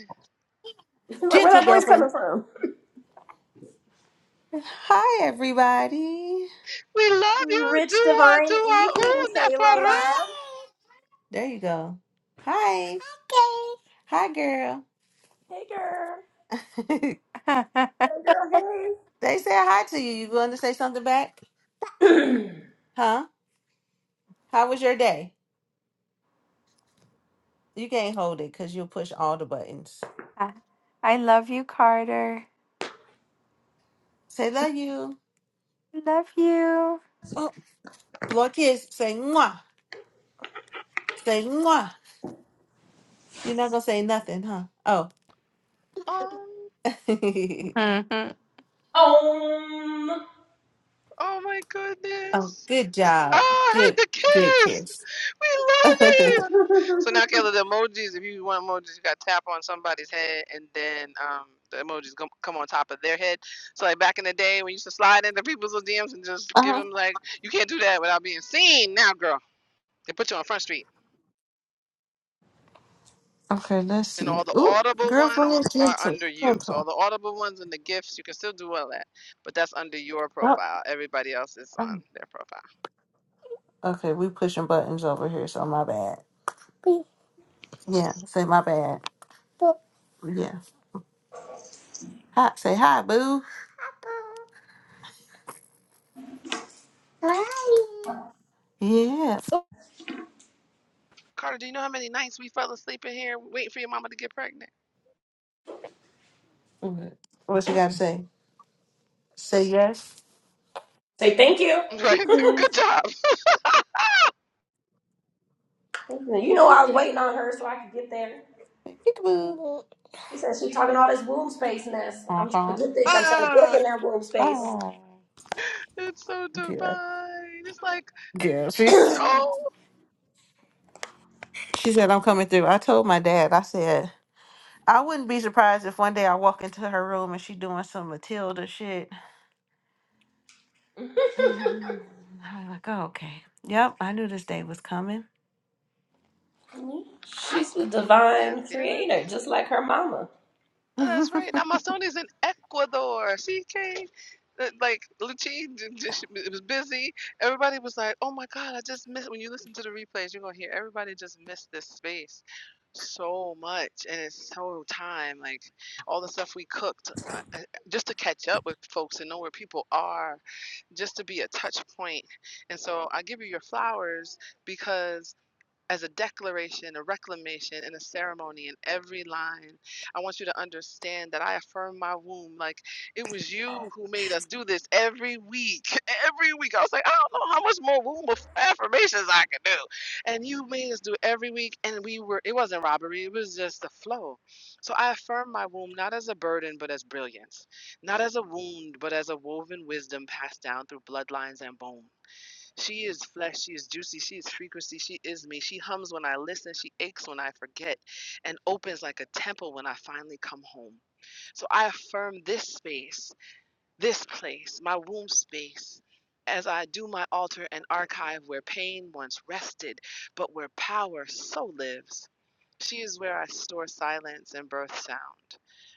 S2: She's like, where
S4: Gentle
S2: that voice
S4: girlfriend.
S2: coming from?
S4: Hi everybody.
S1: We love you.
S2: Rich
S1: Dua,
S2: Divine
S1: dua, ooh,
S2: Evening, Kayla
S1: Nefaru.
S2: Love.
S4: There you go. Hi. Okay. Hi girl. they said hi to you. You going to say something back? Huh? How was your day? You can't hold it because you'll push all the buttons.
S3: I love you, Carter.
S4: Say love you.
S3: Love you.
S4: Oh, blow a kiss. Say mwah. Say mwah. You're not gonna say nothing, huh? Oh.
S1: Oh,
S3: Mhm.
S2: Um,
S1: oh my
S4: oh,
S1: goodness.
S4: good job.
S1: Oh, I heard
S4: Good
S1: the
S4: good
S1: kiss.
S4: kiss.
S1: We love it.
S4: uh-huh.
S1: So now, Kayla, the emojis, if you want emojis, you got to tap on somebody's head and then um, the emojis come, come on top of their head. So, like back in the day when you used to slide into people's DMs and just give them, like, you can't do that without being seen now, girl. They put you on Front Street.
S4: Okay, let's
S1: and
S4: see.
S1: all the
S4: Ooh,
S1: audible
S4: girl go
S1: ones
S4: ahead,
S1: are
S4: gentle.
S1: under you. So all
S4: Gentle.
S1: the audible ones and the gifts, you can still do all that, but that's under your
S4: Oh,
S1: profile. Everybody else is on
S4: um,
S1: their profile.
S4: okay, we pushing buttons over here, so my bad. Yeah, say my bad. Yeah. Hi say hi, boo. Hi. Yeah.
S1: Carter, do you know how many nights we fell asleep in here waiting for your mama to get pregnant?
S4: What what you gotta say? Say yes.
S2: say thank you.
S1: Right?
S4: Peekaboo.
S1: Good job.
S2: You know I was
S4: Peekaboo.
S2: waiting on her so I could get there.
S4: Peekaboo.
S2: She said she's talking all this womb space mess. I'm
S4: Uh-huh.
S2: trying to get thick. I'm trying to get up
S4: Ah.
S2: in that womb space.
S4: Ah.
S1: It's so
S4: Yeah.
S1: divine. It's like,
S4: Yeah, she's
S1: oh,
S4: she said I'm coming through. I told my dad, I said I wouldn't be surprised if one day I walk into her room and she doing some Matilda shit. I was like, oh, okay. Yep, I knew this day was coming.
S2: Mhm. She's the
S1: yes,
S2: divine creator,
S1: yes.
S2: just like her mama.
S1: That's right. Now my son is in Ecuador. See, Kane, Uh, like Lucci d- d- sh- it was busy. Everybody was like, "Oh my God, I just missed." When you listen to the replays, you're gonna hear everybody just missed this space so much, and it's so time. Like all the stuff we cooked, uh, uh, just to catch up with folks and know where people are, just to be a touch point. And so I give you your flowers because as a declaration, a reclamation, and a ceremony in every line. I want you to understand that I affirm my womb. Like it was you who made us do this every week. Every week. I was like, I don't know how much more womb affirmations I can do. And you made us do every week. And we were, it wasn't robbery, it was just the flow. So I affirm my womb not as a burden, but as brilliance, not as a wound, but as a woven wisdom passed down through bloodlines and bone. She is flesh, she is juicy, she is frequency, she is me. She hums when I listen, she aches when I forget, and opens like a temple when I finally come home. So I affirm this space, this place, my womb space, as I do my altar and archive where pain once rested, but where power so lives. She is where I store silence and birth sound,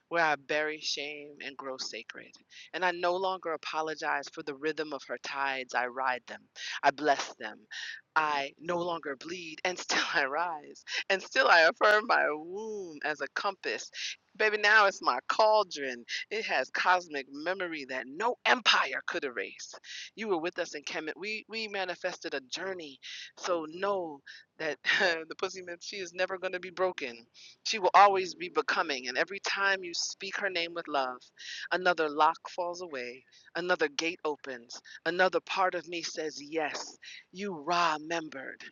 S1: where I bury shame and grow sacred. And I no longer apologize for the rhythm of her tides. I ride them, I bless them. I no longer bleed, and still I rise, and still I affirm my womb as a compass. Baby, now it's my cauldron. It has cosmic memory that no empire could erase. You were with us in Kemet. We we manifested a journey, so no that the pussy myth she is never going to be broken she will always be becoming and every time you speak her name with love another lock falls away another gate opens another part of me says yes you raw membered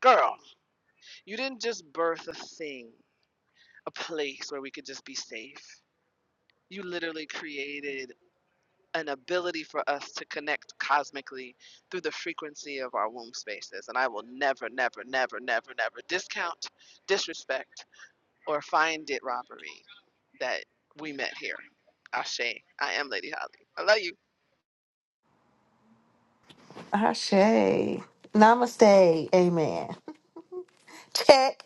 S1: girl you didn't just birth a thing a place where we could just be safe you literally created an ability for us to connect cosmically through the frequency of our womb spaces. And I will never, never, never, never, never discount, disrespect, or find it robbery that we met here. Ashe, I am Lady Holly. I love you.
S4: Ashe. Namaste. Amen. Check.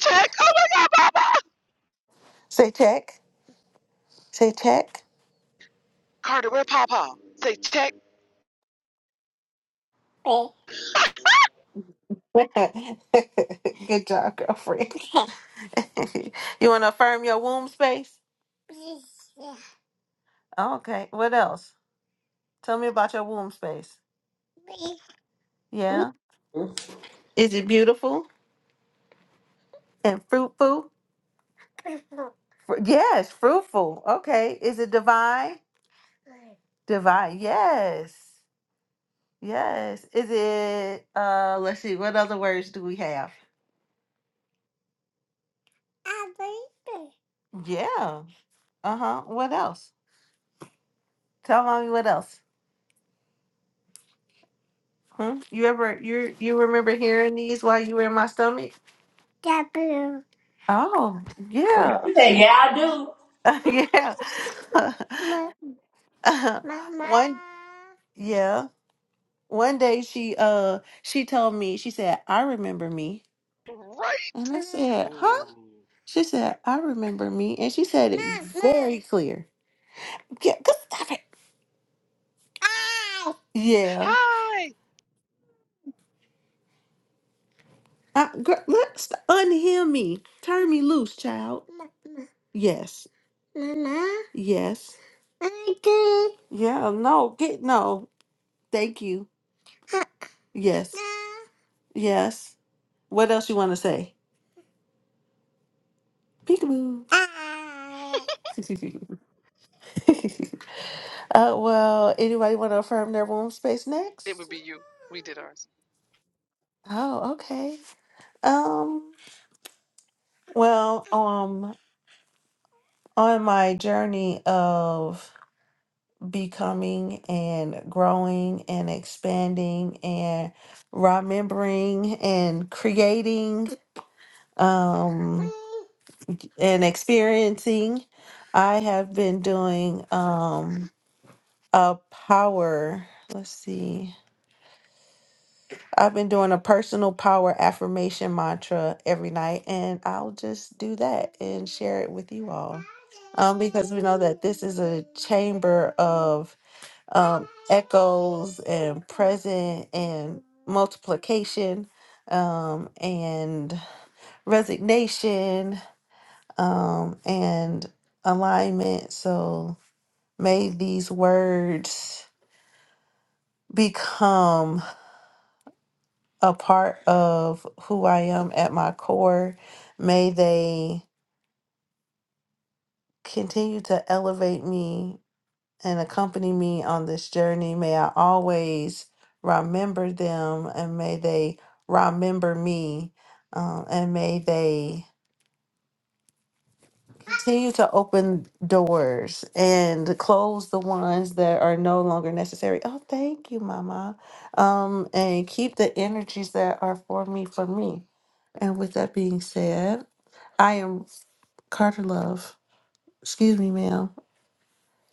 S1: Check. Oh my God, Papa.
S4: Say check. Say check.
S1: Carter, where Papa? Say check.
S4: Oh, Good job, girlfriend. you want to affirm your womb space? Yes. Okay. What else? Tell me about your womb space.
S2: Mhm.
S4: Yeah. Is it beautiful and fruitful? Fru- yes, fruitful. Okay. Is it divine? Divine. Yes. Yes. Is it uh let's see, what other words do we have? Yeah. Uh-huh. What else? Tell mommy what else. Hmm? You ever you you remember hearing these while you were in my stomach? Oh, yeah.
S2: She said, "Yeah, I do."
S4: yeah. One yeah. One day she uh she told me, she said, I remember me.
S1: Right.
S4: And I said,
S1: Ooh.
S4: Huh? She said, I remember me. And she said it very clear. Yeah, go stop it. Yeah.
S1: Hi.
S4: I, girl, look, st- unheal me. Turn me loose, child. Yes. Yes. Yeah, no, get no. Thank you. Yes. Yes. What else you want to say? Peekaboo. uh, well, anybody want to affirm their womb space
S1: It would
S4: next?
S1: be you. We did ours.
S4: Oh, okay. Um, well, um, on my journey of becoming and growing and expanding and remembering and creating, um, and experiencing. I have been doing um a power, let's see. I've been doing a personal power affirmation mantra every night and I'll just do that and share it with you all. Um because we know that this is a chamber of um echoes and present and multiplication um and resignation um, and alignment. So may these words become a part of who I am at my core. May they continue to elevate me and accompany me on this journey. May I always remember them and may they remember me. Um, and may they continue to open doors and close the ones that are no longer necessary. Oh, thank you, Mama. Um, and keep the energies that are for me for me. And with that being said, I am Carter Love. Excuse me, ma'am.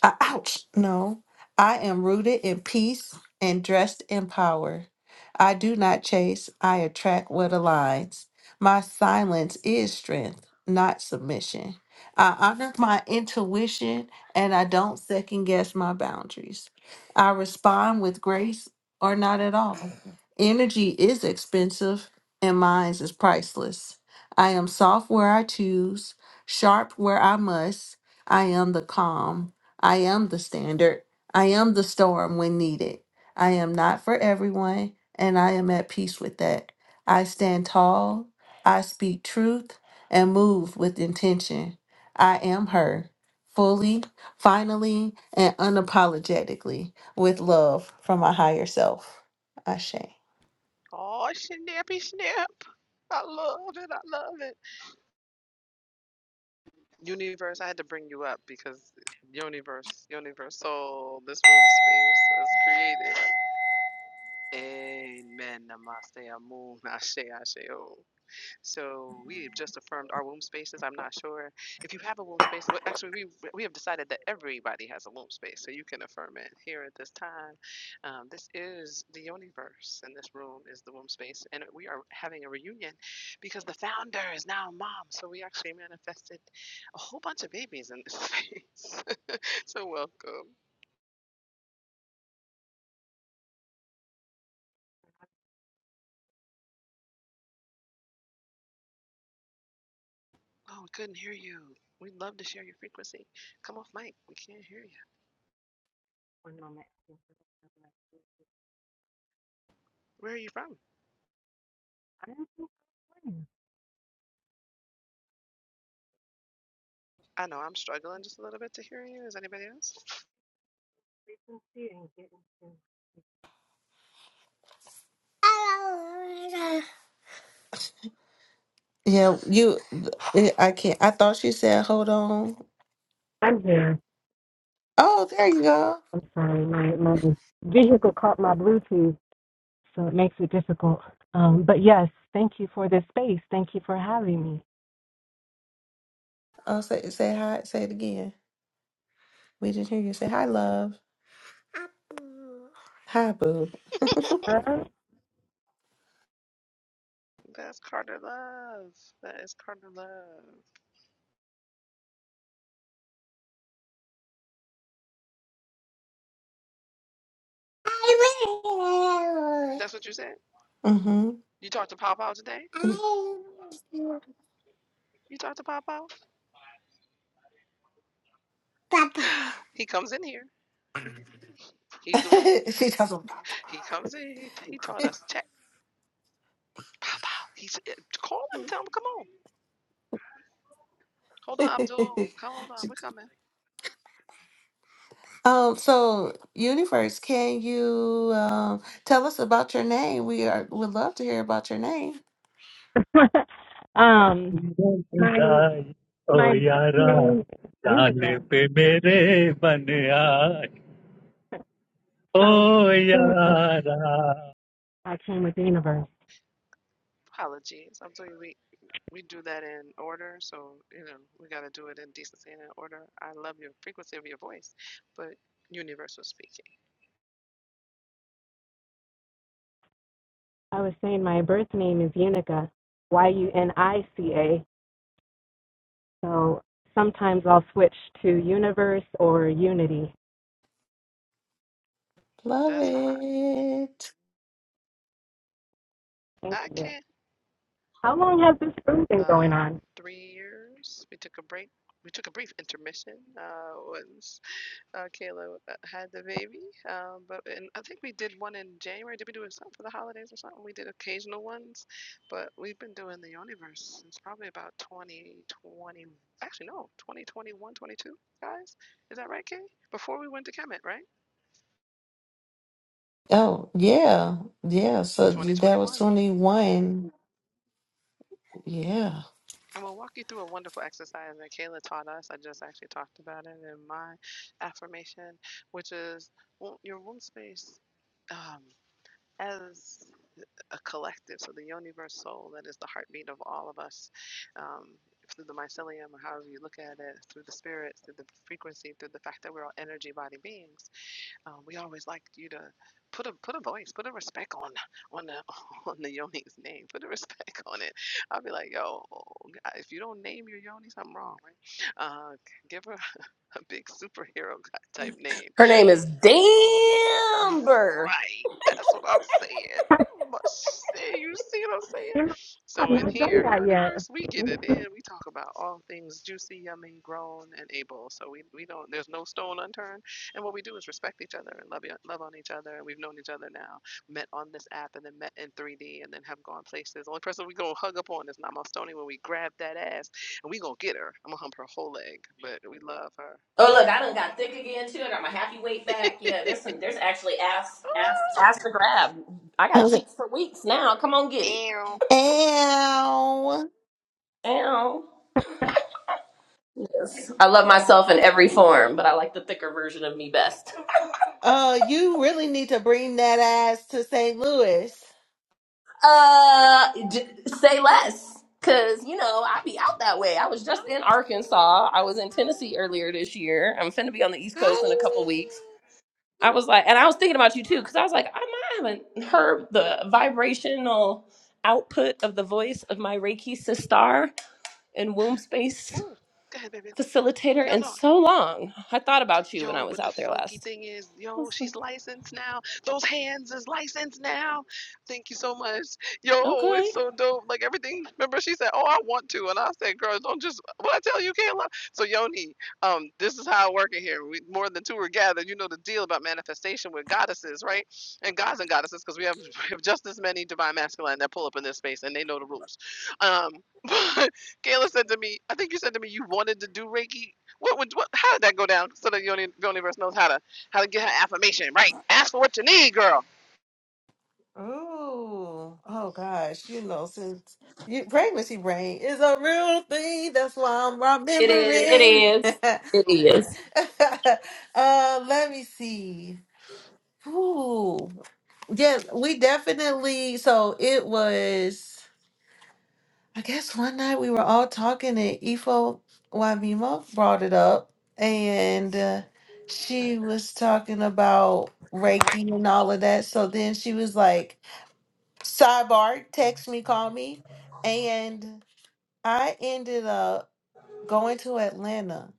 S4: Uh, ouch, no. I am rooted in peace and dressed in power. I do not chase, I attract what aligns. My silence is strength, not submission. I honor my intuition and I don't second guess my boundaries. I respond with grace or not at all. Energy is expensive and mine is priceless. I am soft where I choose, sharp where I must. I am the calm I am the standard. I am the storm when needed. I am not for everyone, and I am at peace with that. I stand tall, I speak truth, and move with intention. I am her, fully, finally, and unapologetically, with love from my higher self. Ashe.
S1: Oh, snappy snap. I love it. I love it. Universe, I had to bring you up because universe, universal, this womb space was created. Amen. Namaste. Amun. Ashe. Ashe. Oh. So we have just affirmed our womb spaces. I'm not sure if you have a womb space. Well, actually, we we have decided that everybody has a womb space, so you can affirm it here at this time. Um, this is the universe, and this room is the womb space, and we are having a reunion because the founder is now a mom. So we actually manifested a whole bunch of babies in this space. so welcome. Oh, we couldn't hear you. We'd love to share your frequency. Come off mic. We can't hear you. Where are you from? I know I'm struggling just a little bit to hear you. Is anybody else?
S4: Yeah, you. eh, I can't. I thought she said, "Hold on."
S5: I'm here.
S4: Oh, there you go.
S5: I'm sorry. My, my vehicle caught my Bluetooth, so it makes it difficult. Um, but yes, thank you for this space. Thank you for having me.
S4: Oh, say say hi. Say it again. We didn't hear you say hi, love. Hi, boo.
S5: Uh
S1: That's Carter Love. That is Carter Love. That's what you said?
S4: Mm-hmm.
S1: You talked to Pow Pow today? You talked to Pow Pow? He comes in here. He's the one.
S4: she tells him.
S1: He comes in. He, he taught us check. Pow Pow. He's, eh, call him. Tell him. Come on. Hold on, Abdul. Come hold
S4: She-
S1: on. We're coming.
S4: um. So, universe, can you um tell us about your name? We are would love to hear about your name.
S5: um, my
S6: खुदाई ओ
S5: my birth
S6: यारा
S5: name is
S6: जान
S5: Universe.
S6: पे मेरे बन आए ओ
S5: So Unica,
S6: यारा।
S5: I came with the universe.
S1: Apologies. I'm telling you, we, we do that in order. So, you know, we got to do it in decency and in order. I love your frequency of your voice, but universal speaking.
S5: I was saying my birth name is Unica, Y U N I C A. So sometimes I'll switch to Universe or Unity.
S4: Love
S1: That's high.
S4: it.
S5: Thank
S1: I
S5: you.
S1: can't.
S5: How long has this room been going
S1: Uh,
S5: on?
S1: three years. We took a break. We took a brief intermission uh, once uh, Kayla uh, had the baby. Um, but and I think we did one in January. Did we do something for the holidays or something? We did occasional ones, but we've been doing the Universe since probably about 2020. Actually, no, 2021, 22. Guys, is that right, Kay? Before we went to Kemet, right?
S4: Oh yeah, yeah. So that was
S1: 2021.
S4: twenty one. Yeah.
S1: And we'll walk you through a wonderful exercise that Kayla taught us. I just actually talked about it in my affirmation, which is well, your womb space um, as a collective. So the universe soul, that is the heartbeat of all of us. Um, through the mycelium, or however you look at it, through the spirits, through the frequency, through the fact that we're all energy body beings uh, we always like you to put a put a voice, put a respect on on the on the yoni's name. Put a respect on it. I'll be like, yo, if you don't name your yoni, something wrong, right? Uh, give her a big superhero type name
S2: Her name is Damber.
S1: Right. That's what I'm saying. Much say- You see what I'm saying?
S5: I've
S1: So in
S5: not done
S1: here,
S5: that
S1: universe, we get it
S5: yet.
S1: in. We talk about all things juicy, yummy, grown, and able. So we, we don't there's no stone unturned. And what we do is respect each other and love e- love on each other. And we've known each other now, met on this app and then met in 3D and then have gone places. The only person we gonna hug up on is Nama Stoney when we grab that ass and we gonna get her. I'm gonna hump her whole leg, but we love her.
S2: Oh look, I done got thick again too. I got my happy weight back. Yeah, there's some. There's actually ass, ass, ass to grab. I got
S4: I was like,
S2: cheeks for weeks now. Come on, get
S1: Ooh,
S2: it.
S1: ew.
S4: ow.
S2: Ow. Yes. I love myself in every form, but I like the thicker version of me best.
S4: Uh, you really need to bring that ass to St. Louis.
S2: Uh, j- say less, cause you know I be out that way. I was just in Arkansas. I was in Tennessee earlier this year. I'm finna be on the East Coast in a couple weeks. I was like, and I was thinking about you too, cause I was like, I might haven't heard the vibrational output of the voice of my Reiki sister and womb space
S1: Ooh. Go ahead, baby.
S2: facilitator
S1: No,
S2: in
S1: no.
S2: so long. I thought about you when I
S1: Yo,
S2: was
S1: but the
S2: out there
S1: funky
S2: last.
S1: thing is,
S2: I
S1: yo,
S2: was like,
S1: she's licensed now. Those hands is licensed now. Thank you so much. Yo,
S2: okay.
S1: it's so dope. Like everything. Remember, she said, "Oh, I want to," and I said, "Girl, don't just what I tell you, you can't love." So Yoni, um, this is how I work in here. We more than two are gathered. You know the deal about manifestation with goddesses, right? And gods and goddesses, because we have, we have just as many divine masculine that pull up in this space, and they know the rules. Um, Kayla said to me, I think you said to me you wanted to do Reiki. What would what? How did that go down? So that the universe knows how to how to get her affirmation right. Ask for what you need, girl.
S4: Ooh, oh gosh, you know, since you, pregnancy brain is a real thing, that's why I'm
S2: It is. It
S4: remembering.
S2: is. It is.
S4: uh, let me see. Ooh, yeah, we definitely. So it was. I guess one night we were all talking and Ifo Wamimo brought it up and uh, she was talking about Reiki and all of that. So then she was like, sidebar, text me, call me. And I ended up going to Atlanta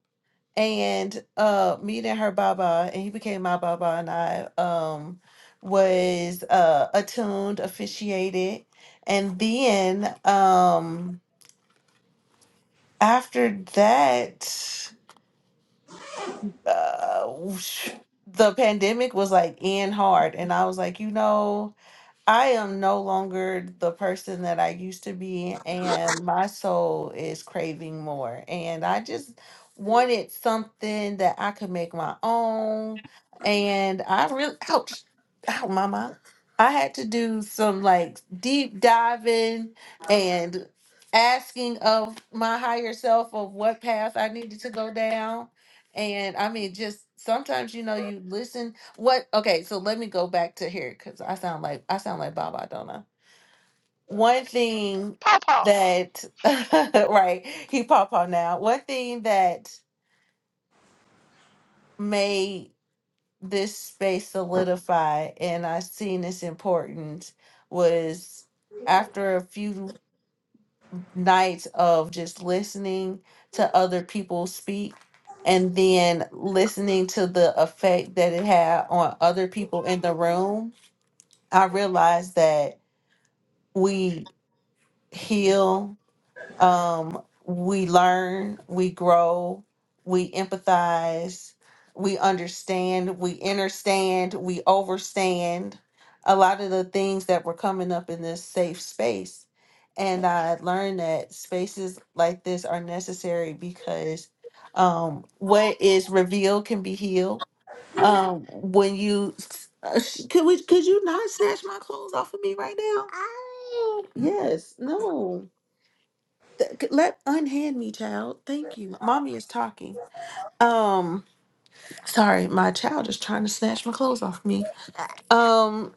S4: and uh meeting her Baba and he became my Baba and I um was uh attuned, officiated, and then um after that, uh, the pandemic was like in hard, and I was like, you know. I am no longer the person that I used to be, and my soul is craving more. And I just wanted something that I could make my own. And I really, ouch, ow, mama. I had to do some like deep diving and asking of my higher self of what path I needed to go down. And I mean, just sometimes, you know, you listen what? Okay, so let me go back to here because I sound like I sound like Baba, don't I? One thing
S1: Paw paw.
S4: that right, he pop on now. One thing that made this space solidify, and I seen this important was after a few nights of just listening to other people speak and then listening to the effect that it had on other people in the room i realized that we heal, um, we learn, we grow, we empathize, we understand, we understand, we overstand a lot of the things that were coming up in this safe space. And I learned that spaces like this are necessary because um, what is revealed can be healed um, when you uh, sh- could we could you not snatch my clothes off of me right now? Yes, no. Th- c- Let unhand me, child. Thank you. Mommy is talking. Um, sorry, my child is trying to snatch my clothes off me. Um,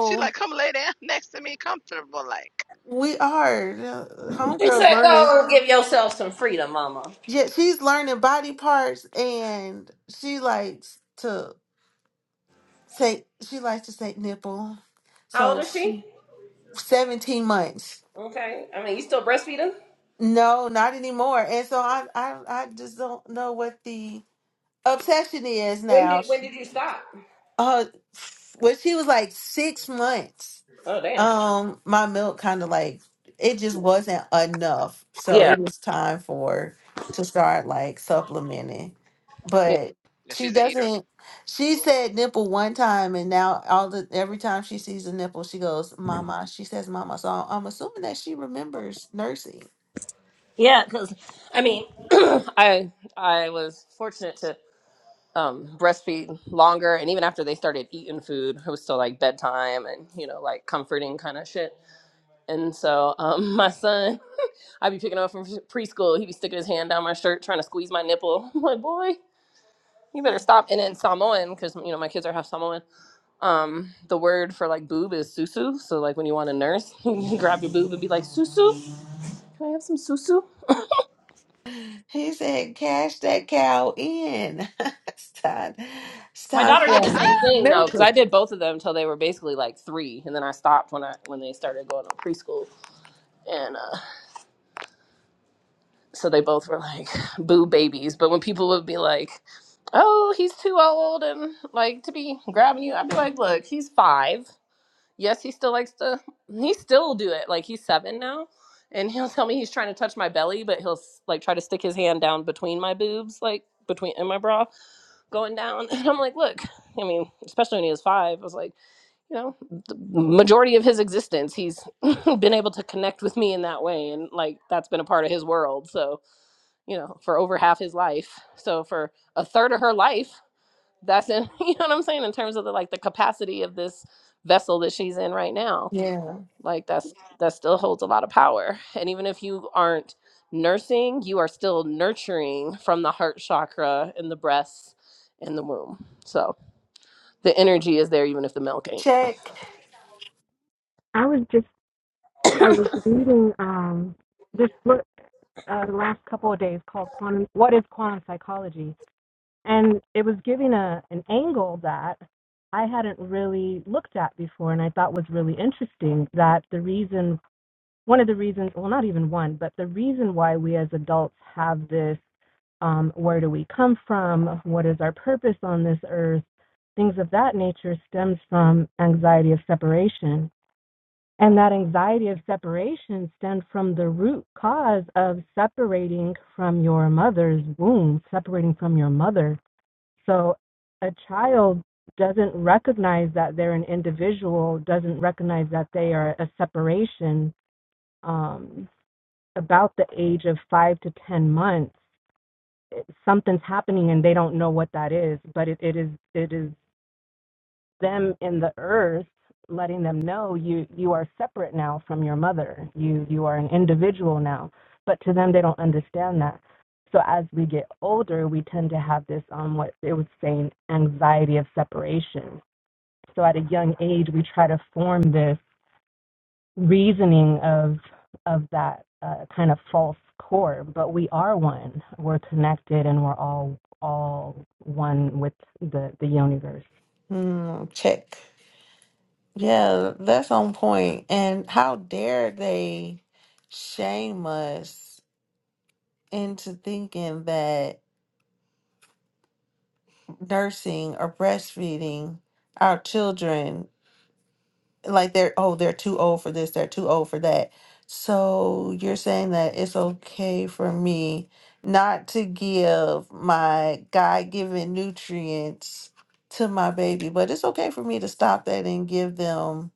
S1: She like come lay down next to me, comfortable like.
S4: we are uh,
S2: She
S4: homegirls
S2: said,
S4: learning.
S2: "Go and give yourself some freedom, Mama."
S4: Yeah, she's learning body parts, and she likes to say she likes to say nipple.
S2: How old
S4: So
S2: is she?
S4: she seventeen months.
S2: Okay. I mean, you still breastfeeding?
S4: No, not anymore. And so I, I, I just don't know what the obsession is
S2: When
S4: now.
S2: did When did you stop?
S4: Uh, when she was like six months,
S2: Oh, damn.
S4: um, my milk kind of like it just wasn't enough, so
S2: Yeah.
S4: it was time for to start like supplementing.
S2: Yeah.
S4: But
S1: Yeah,
S4: she
S1: she's an eater.
S4: doesn't. She said nipple one time, and now all the every time she sees a nipple, she goes, "Mama." She says, "Mama." So I'm assuming that she remembers nursing.
S2: Yeah, because I mean, I I was fortunate to um, breastfeed longer, and even after they started eating food, it was still like bedtime and you know like comforting kind of shit. And so um, my son, I'd be picking up from preschool. He'd be sticking his hand down my shirt trying to squeeze my nipple. I'm like, boy, You better stop. And in Samoan, because you know my kids are half Samoan, um, the word for like boob is susu. So like when you want a nurse, you can grab your boob and be like susu. Can I have some susu?
S4: He said, cash that cow in. it's time. It's time
S2: I did the
S4: for
S2: same thing though, because I
S4: milking.
S2: did both of them until they were basically like three, and then I stopped when I when they started going to preschool, and uh, so they both were like boob babies. But when people would be like, "Oh, he's too old and like to be grabbing you," I'd be like, "Look, he's five. yes, he still likes to. He still do it. Like he's seven now, and he'll tell me he's trying to touch my belly, but he'll like try to stick his hand down between my boobs, like between in my bra, going down. And I'm like, look. I mean, especially when he was five, I was like, you know, the majority of his existence, he's been able to connect with me in that way, and like that's been a part of his world. So you know, for over half his life, so for a third of her life, that's in. You know what I'm saying in terms of the like the capacity of this vessel that she's in right now
S4: Yeah.
S2: like that's that still holds a lot of power and even if you aren't nursing you are still nurturing from the heart chakra and the breasts and the womb so the energy is there even if the milk ain't
S4: Check.
S5: I was just I was reading um this book uh, the last couple of days called Quantum What is Quantum Psychology? And it was giving a an angle that I hadn't really looked at before and I thought was really interesting that the reason one of the reasons, well, not even one, but the reason why we as adults have this um, where do we come from? What is our purpose on this earth? Things of that nature stems from anxiety of separation. And that anxiety of separation stems from the root cause of separating from your mother's womb, separating from your mother. So a child doesn't recognize that they're an individual, doesn't recognize that they are a separation um, about the age of five to ten months, it- something's happening and they don't know what that is. But it, it is it is them in the earth letting them know you you are separate now from your mother. You you are an individual now. But to them, they don't understand that. So as we get older, we tend to have this um what it was saying anxiety of separation. So at a young age, we try to form this reasoning of of that uh, kind of false core, but we are one. We're connected, and we're all all one with the the universe.
S4: Mm, check. Yeah, that's on point. And how dare they shame us into thinking that nursing or breastfeeding our children like they're oh they're too old for this they're too old for that so you're saying that it's okay for me not to give my god-given nutrients to my baby but it's okay for me to stop that and give them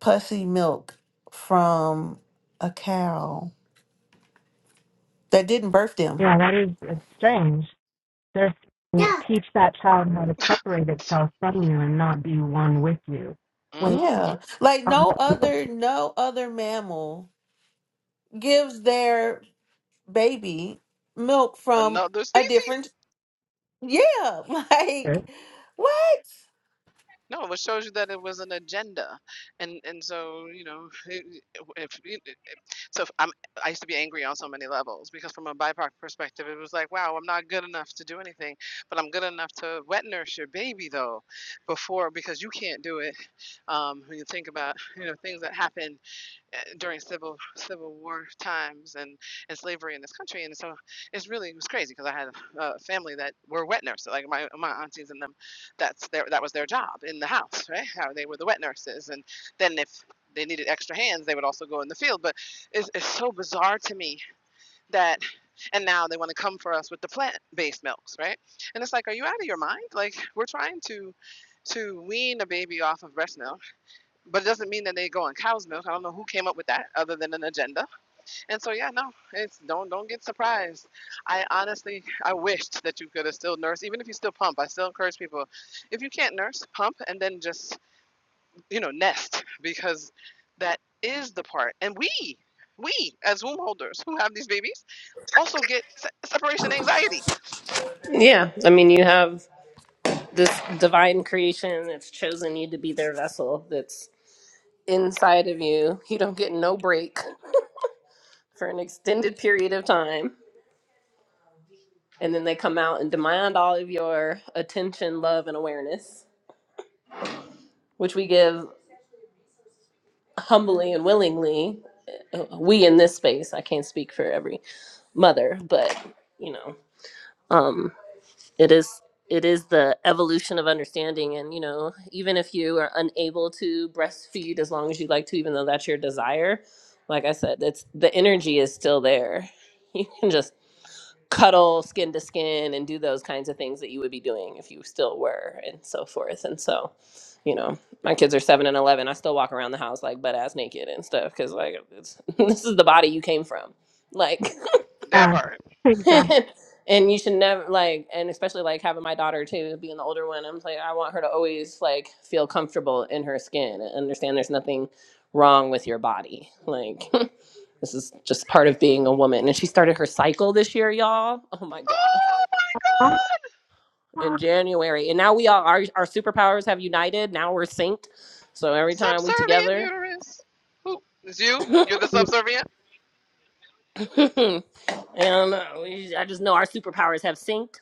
S4: pussy milk from a cow that didn't birth them
S5: Yeah, that is it's strange. There's
S4: yeah
S5: teach that child how to separate itself from you and not be one with you. When
S1: Mm hmm
S4: yeah like no other no other mammal gives their baby milk from
S1: Another
S4: a
S1: species.
S4: different Yeah, like what?
S1: No, it shows you that it was an agenda, and and so you know, it- if, if so, if I'm I used to be angry on so many levels because from a BIPOC perspective, it was like, wow, I'm not good enough to do anything, but I'm good enough to wet nurse your baby though, before because you can't do it. Um, when you think about you know things that happen eh, during civil civil war times and, and slavery in this country and so it's really it was crazy because I had a family that were wet nurses like my, my aunties and them that's their that was their job in the house right how they were the wet nurses and then if they needed extra hands they would also go in the field but it's, it's so bizarre to me that and now they want to come for us with the plant-based milks right and it's like are you out of your mind like we're trying to to wean a baby off of breast milk but it doesn't mean that they go on cow's milk. I don't know who came up with that other than an agenda. And so yeah, no, it's don't don't get surprised. I honestly I wished that you could have still nursed, even if you still pump. I still encourage people, if you can't nurse, pump and then just you know nest because that is the part. And we we as womb holders who have these babies also get se- separation anxiety.
S2: yeah i mean you have this divine creation that's chosen you to be their vessel that's inside of you you don't get no break for an extended period of time and then they come out and demand all of your attention love and awareness which we give humbly and willingly uh, we in this space i can't speak for every mother but you know um it is it is the evolution of understanding and you know even if you are unable to breastfeed as long as you like to even though that's your desire like i said it's the energy is still there you can just cuddle skin to skin and do those kinds of things that you would be doing if you still were and so forth and so you know my kids are 7 and 11 i still walk around the house like butt ass naked and stuff because like it's, this is the body you came from like
S1: That
S5: yeah,
S1: part.
S5: exactly.
S2: and you should never like and especially like having my daughter too being the older one i'm like i want her to always like feel comfortable in her skin and understand there's nothing wrong with your body like this is just part of being a woman and she started her cycle this year y'all oh my god
S1: Oh my
S5: Oh,
S1: God!
S2: in
S5: well,
S2: January. And now we all our our superpowers have united. Now we're synced. So every time we
S1: Subservient
S2: together,
S1: uterus. Who is you? You're the subservient.
S2: and uh, we, I just know our superpowers have synced.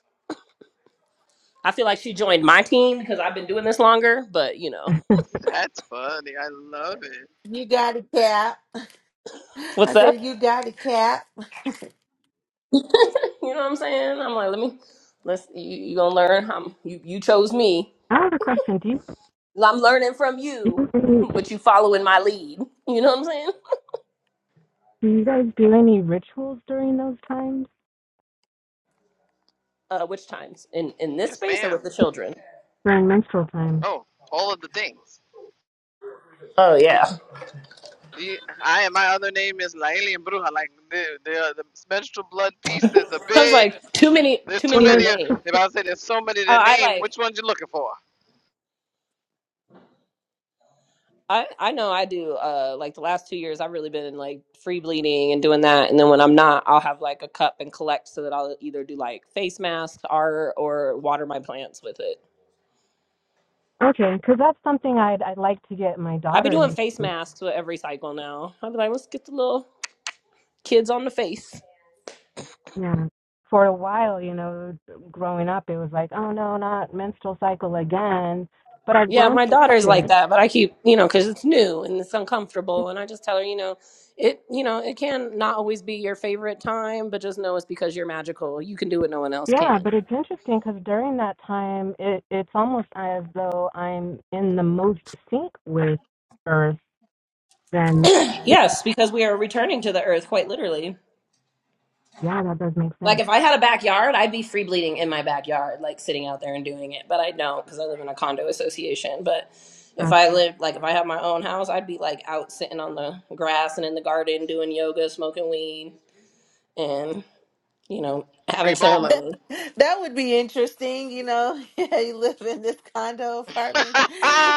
S2: I feel like she joined my team because I've been doing this longer. But you know,
S5: I
S1: That's funny. I love it.
S4: You got a cap.
S2: what's
S4: I said, you
S2: that?
S4: got a cap.
S2: you know what I'm saying? I'm like, let me let's you, you gonna learn. I'm, you you chose me.
S5: have a question. Do you
S2: I'm learning from
S5: do
S2: you,
S5: you,
S2: but you following my lead. You know what I'm saying?
S5: do you guys do any rituals during those times
S2: Uh, which times in in this
S1: Yes,
S2: space or with
S1: ma'am.
S2: the children?
S5: during menstrual time?
S1: Oh, all of the things.
S2: Oh yeah,
S1: The, I my other name is Laeli and Bruja. Like the the the menstrual blood pieces. is a
S2: I was
S1: big.
S2: like too many
S1: There's
S2: too
S1: too
S5: Well,
S2: many to
S5: no,
S1: many. Of,
S2: name.
S1: if I say there's so many to
S2: Uh, I
S1: name,
S2: like
S1: which ones you looking for?
S2: I I know I do. Uh, like the last two years, I've really been like free bleeding and doing that. And then when I'm not, I'll have like a cup and collect so that I'll either do like face masks or or water my plants with it.
S5: okay, because that's something I'd I'd like to get my
S2: I be
S5: daughter.
S2: doing
S5: in.
S2: face masks with every cycle now. I'll be like, let's get the little kids on the face.
S5: Yeah. For a while, you know, growing up, it was like, oh no, not menstrual cycle again. But I've
S2: Yeah,
S5: grown
S2: my
S5: to
S2: daughter's
S5: love
S2: like
S5: it.
S2: that, but I keep you know because it's new and it's uncomfortable, and I just tell her you know it you know it can not always be your favorite time, but just know it's because you're magical. You can do what no one else
S5: Yeah,
S2: can.
S5: but it's interesting because during that time, it it's almost as though I'm in the most sync with Earth. Then
S2: Yes, because we are returning to the earth, quite literally.
S5: yeah, that does make
S2: Like, if I
S5: sense.
S2: had a backyard, I'd be free bleeding in my backyard, like sitting out there and doing it. But I don't because I live in a condo association. But if I lived, like, if I had my own house, I'd be like out sitting on the grass and in the garden doing yoga, smoking weed, and, you know,
S1: Free
S2: having
S1: balling.
S4: That
S2: ceremony.
S4: that would be interesting, you know. Yeah, you live in this condo
S1: hey,
S4: apartment,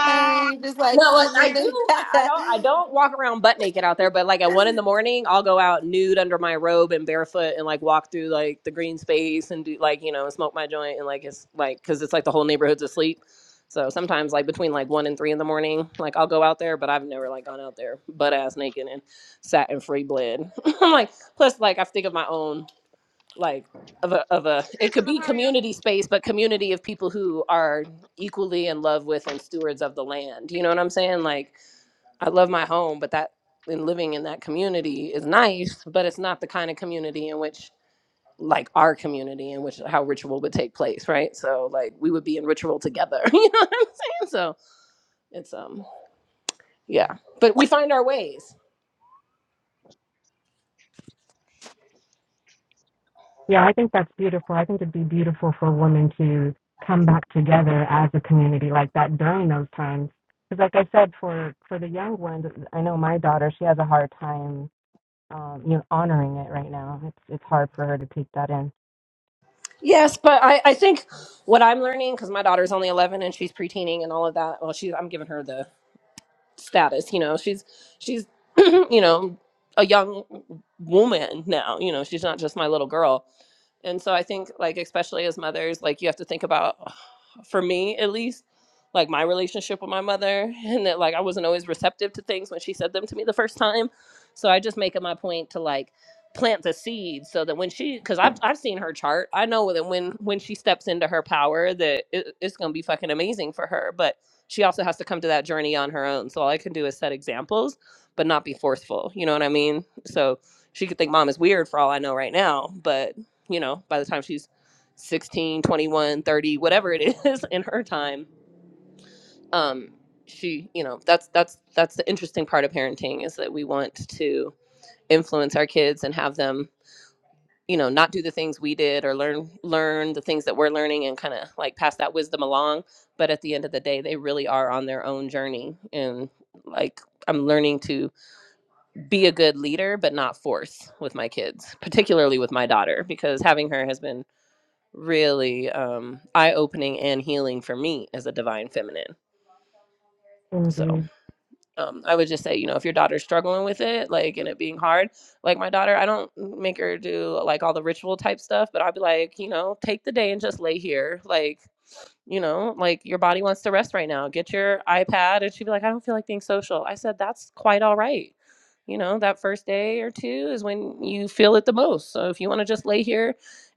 S4: and you just like
S2: No, like
S4: sitting in
S2: I do.
S4: the.
S2: I I don't. I don't walk around butt naked out there. But like at one in the morning, I'll go out nude under my robe and barefoot and like walk through like the green space and do like you know smoke my joint and like it's like because it's like the whole neighborhood's asleep. So sometimes like between like one and three in the morning, like I'll go out there. But I've never like gone out there butt ass naked and sat in free bled. I'm like plus like I think of my own like of a of a it could
S1: Chisholm,
S2: be
S1: how are you?
S2: community space but community of people who are equally in love with and stewards of the land you
S1: Thank
S2: know what i'm saying like i love my home but that and living in that community is nice but it's not the kind of community in which like our community in which how ritual would take place right so like we would be in ritual together you know what i'm saying so it's um yeah but we find our ways
S5: Yeah, I think that's beautiful. I think it'd be beautiful for women to come back together as a community like that during those times. Because, like I said, for for the young ones, I know my daughter; she has a hard time, um, you know, honoring it right now. It's it's hard for her to take that in.
S2: Yes, but I, I think what I'm learning because my daughter's only 11 and she's preteening and all of that. Well, she's I'm giving her the status you know she's she's you know a young woman now you know she's not just my little girl and so i think like especially as mothers like you have to think about for me at least like my relationship with my mother and that like i wasn't always receptive to things when she said them to me the first time so i just make it my point to like plant the seed so that when she because I've, I've seen her chart i know that when when she steps into her power that it, it's going to be fucking amazing for her but she also has to come to that journey on her own. So all I can do is set examples, but not be forceful. You know what I mean? So she could think mom is weird for all I know right now, but you know, by the time she's 16, 21, 30, whatever it is in her time, um she, you know, that's that's that's the interesting part of parenting is that we want to influence our kids and have them you know not do the things we did or learn learn the things that we're learning and kind of like pass that wisdom along but at the end of the day they really are on their own journey and like i'm learning to be a good leader but not force with my kids particularly with my daughter because having her has been really um, eye-opening and healing for me as a divine feminine so
S5: Indeed,
S2: um, I would just say, you know, if your daughter's struggling with it, like, and it being hard, like my daughter, I don't make her do like all the ritual type stuff, but I'll be like, you know, take the day and just lay here. Like, you know, like your body wants to rest right now. Get your iPad. And she'd be like, I don't feel like being social. I said, that's quite all right. You know, that first day or two is when you feel it the most. So if you want to just lay here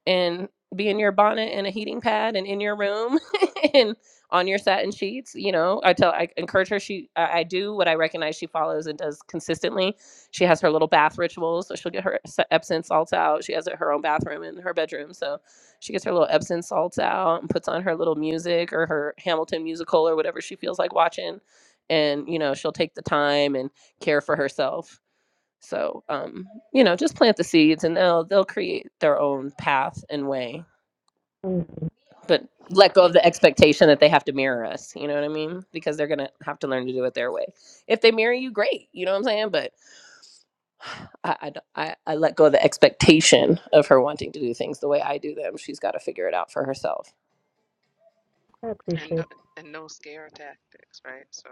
S2: and be in your bonnet and a heating pad and in your room and on your satin sheets, you know, I tell, I encourage her. She, I, I do what I recognize she follows and does consistently. She has her little bath rituals. So she'll get her Epsom salts out. She has her own bathroom in her bedroom. So, she gets her little Epsom salts out and puts on her little music or her Hamilton musical or whatever she feels like watching. And, you know, she'll take the time and care for herself. So, um, you know, just plant the seeds and they'll they'll create their own path and way.
S5: indeed.
S2: But let go of
S1: you.
S2: the expectation that they have to mirror us, you know what I mean? Because they're gonna have to learn to do it their way. If they mirror you, great, you know what I'm saying? But I, I, d- I- I let go of the expectation of her wanting to do things the way I do them. She's got to figure it out for herself.
S5: I
S1: and
S5: appreciate.
S1: no- and no scare tactics, right? So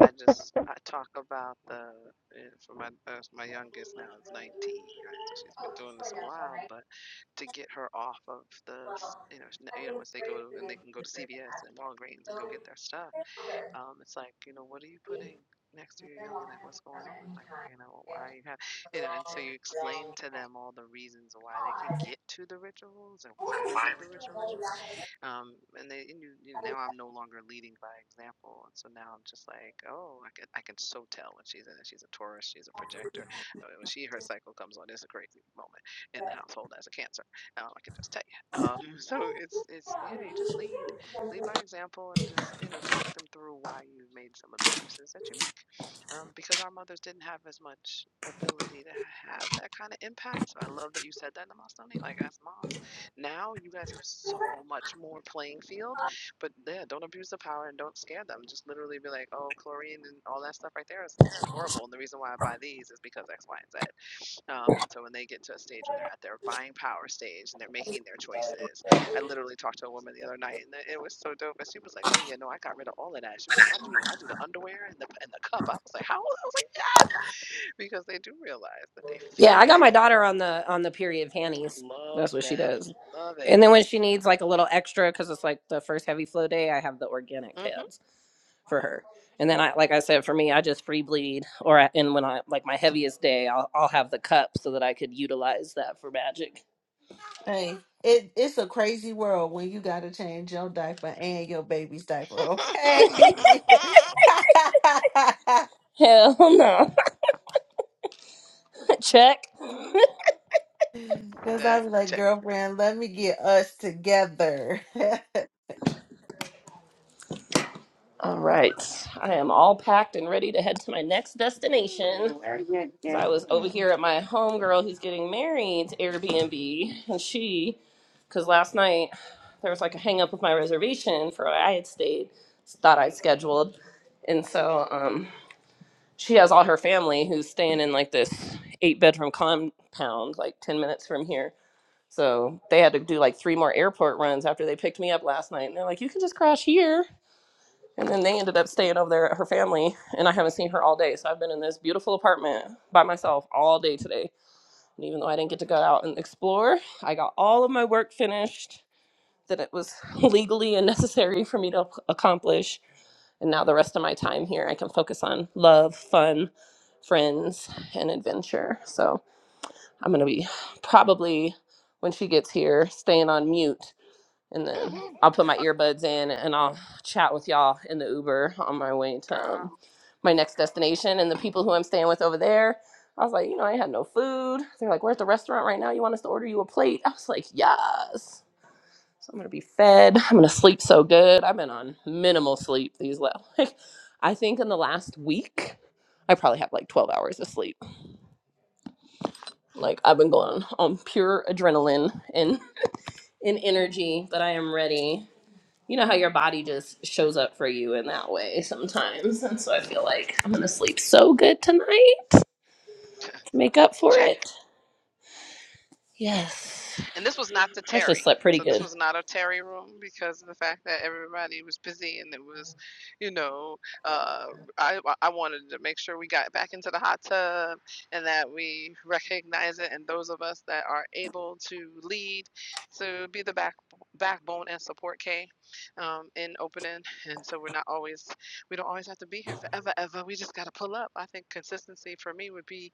S1: I just I talk about the eh, for my uh, my youngest now is 19, right? So she's been doing this a while, but to get her off of the s- you know s- you know once they go and they can go to CVS and Walgreens and go get their stuff um, it's like, you know, what are you putting next to your yoni? Like, what's going on? Like, you know, why you have, you know, and so you explain to them all the reasons why they can get to the rituals and why we do the rituals. Um, and they, and you, you, now I'm no longer leading by example. And so now I'm just like, oh, I can, I can so tell when she's in it. She's a Taurus, she's a projector. Uh, When she, her cycle comes on, it's a crazy moment in the household as a Cancer. Um, I can just tell you. Um, so it's, it's, yeah, you just lead lead by example and just you know talk them through why you made some of the choices that you make um, because our mothers didn't have as much ability to have that kind of impact so i love that you said that namastani like as moms now you guys have so much more playing field but yeah don't abuse the power and don't scare them just literally be like oh chlorine and all that stuff right there is horrible and the reason why i buy these is because x y and z um, and so when they get to a stage when they're at their buying power stage and they're making their choices, I literally talked to a woman the other night and it was so dope. And she was like, "Oh yeah, no, I got rid of all of that." She was like, "I do the I do the underwear and the and the cup." I was like, "How?" I was like, "Yes," because they do realize that they
S2: Yeah,
S1: feel
S2: I got my
S1: better.
S2: daughter on the on the period panties.
S1: Love
S2: That's what she
S1: them,
S2: does.
S1: love it.
S2: And then when she needs like a little extra because it's like the first heavy flow day, I have the organic
S1: hmm
S2: pads for her. And then I, like I said, for me, I just free bleed. Or I, and when I like my heaviest day, I'll I'll have the cup so that I could utilize that for magic.
S4: hey, it it's a crazy world when you got to change your diaper and your baby's diaper. Okay, because
S2: Hell no, check.
S4: I
S1: that
S4: was like,
S1: check.
S4: girlfriend, let me get us together.
S2: All right. I am all packed and ready to head to my next destination.
S4: Ooh, where you going?
S2: Because I was over here at my homegirl who's getting married's Airbnb. And she, because last night there was like a hang up with my reservation for where I had stayed, thought I'd scheduled. And so um, she has all her family who's staying in like this eight bedroom compound, like 10 minutes from here. So they had to do like three more airport runs after they picked me up last night. And they're like, you can just crash here. And then they ended up staying over there at her family, and I haven't seen her all day. So I've been in this beautiful apartment by myself all day today. And even though I didn't get to go out and explore, I got all of my work finished that it was legally and necessary for me to ac- accomplish. And now the rest of my time here, I can focus on love, fun, friends, and adventure. So I'm going to be probably, when she gets here, staying on mute and then
S1: hmm
S2: I'll put my earbuds in and I'll chat with y'all in the Uber on my way to um,
S1: girl,
S2: my next destination. And the people who I'm staying with over there, I was like, you know, I had no food. They're like, we're at the restaurant right now. You want us to order you a plate? I was like, yes. So I'm gonna be fed. I'm gonna sleep so good. I've been on minimal sleep these last. Like, I think in the last week, I probably have like 12 hours of sleep. Like I've been going on pure adrenaline and and energy, but I am ready. you know how your body just shows up for you in that way sometimes. And so I feel like I'm going to sleep so good tonight to make up for
S1: check.
S2: it. Yes.
S1: And this was not the
S2: I actually
S1: Terry.
S2: slept pretty
S1: So this
S2: good.
S1: was not a Terry room because of the fact that everybody was busy and it was, you know, uh, I I wanted to make sure we got back into the hot tub and that we recognize it and those of us that are able to lead to be the back backbone and support K um, in opening and so we're not always we don't always have to be here forever ever we just got to pull up I think consistency for me would be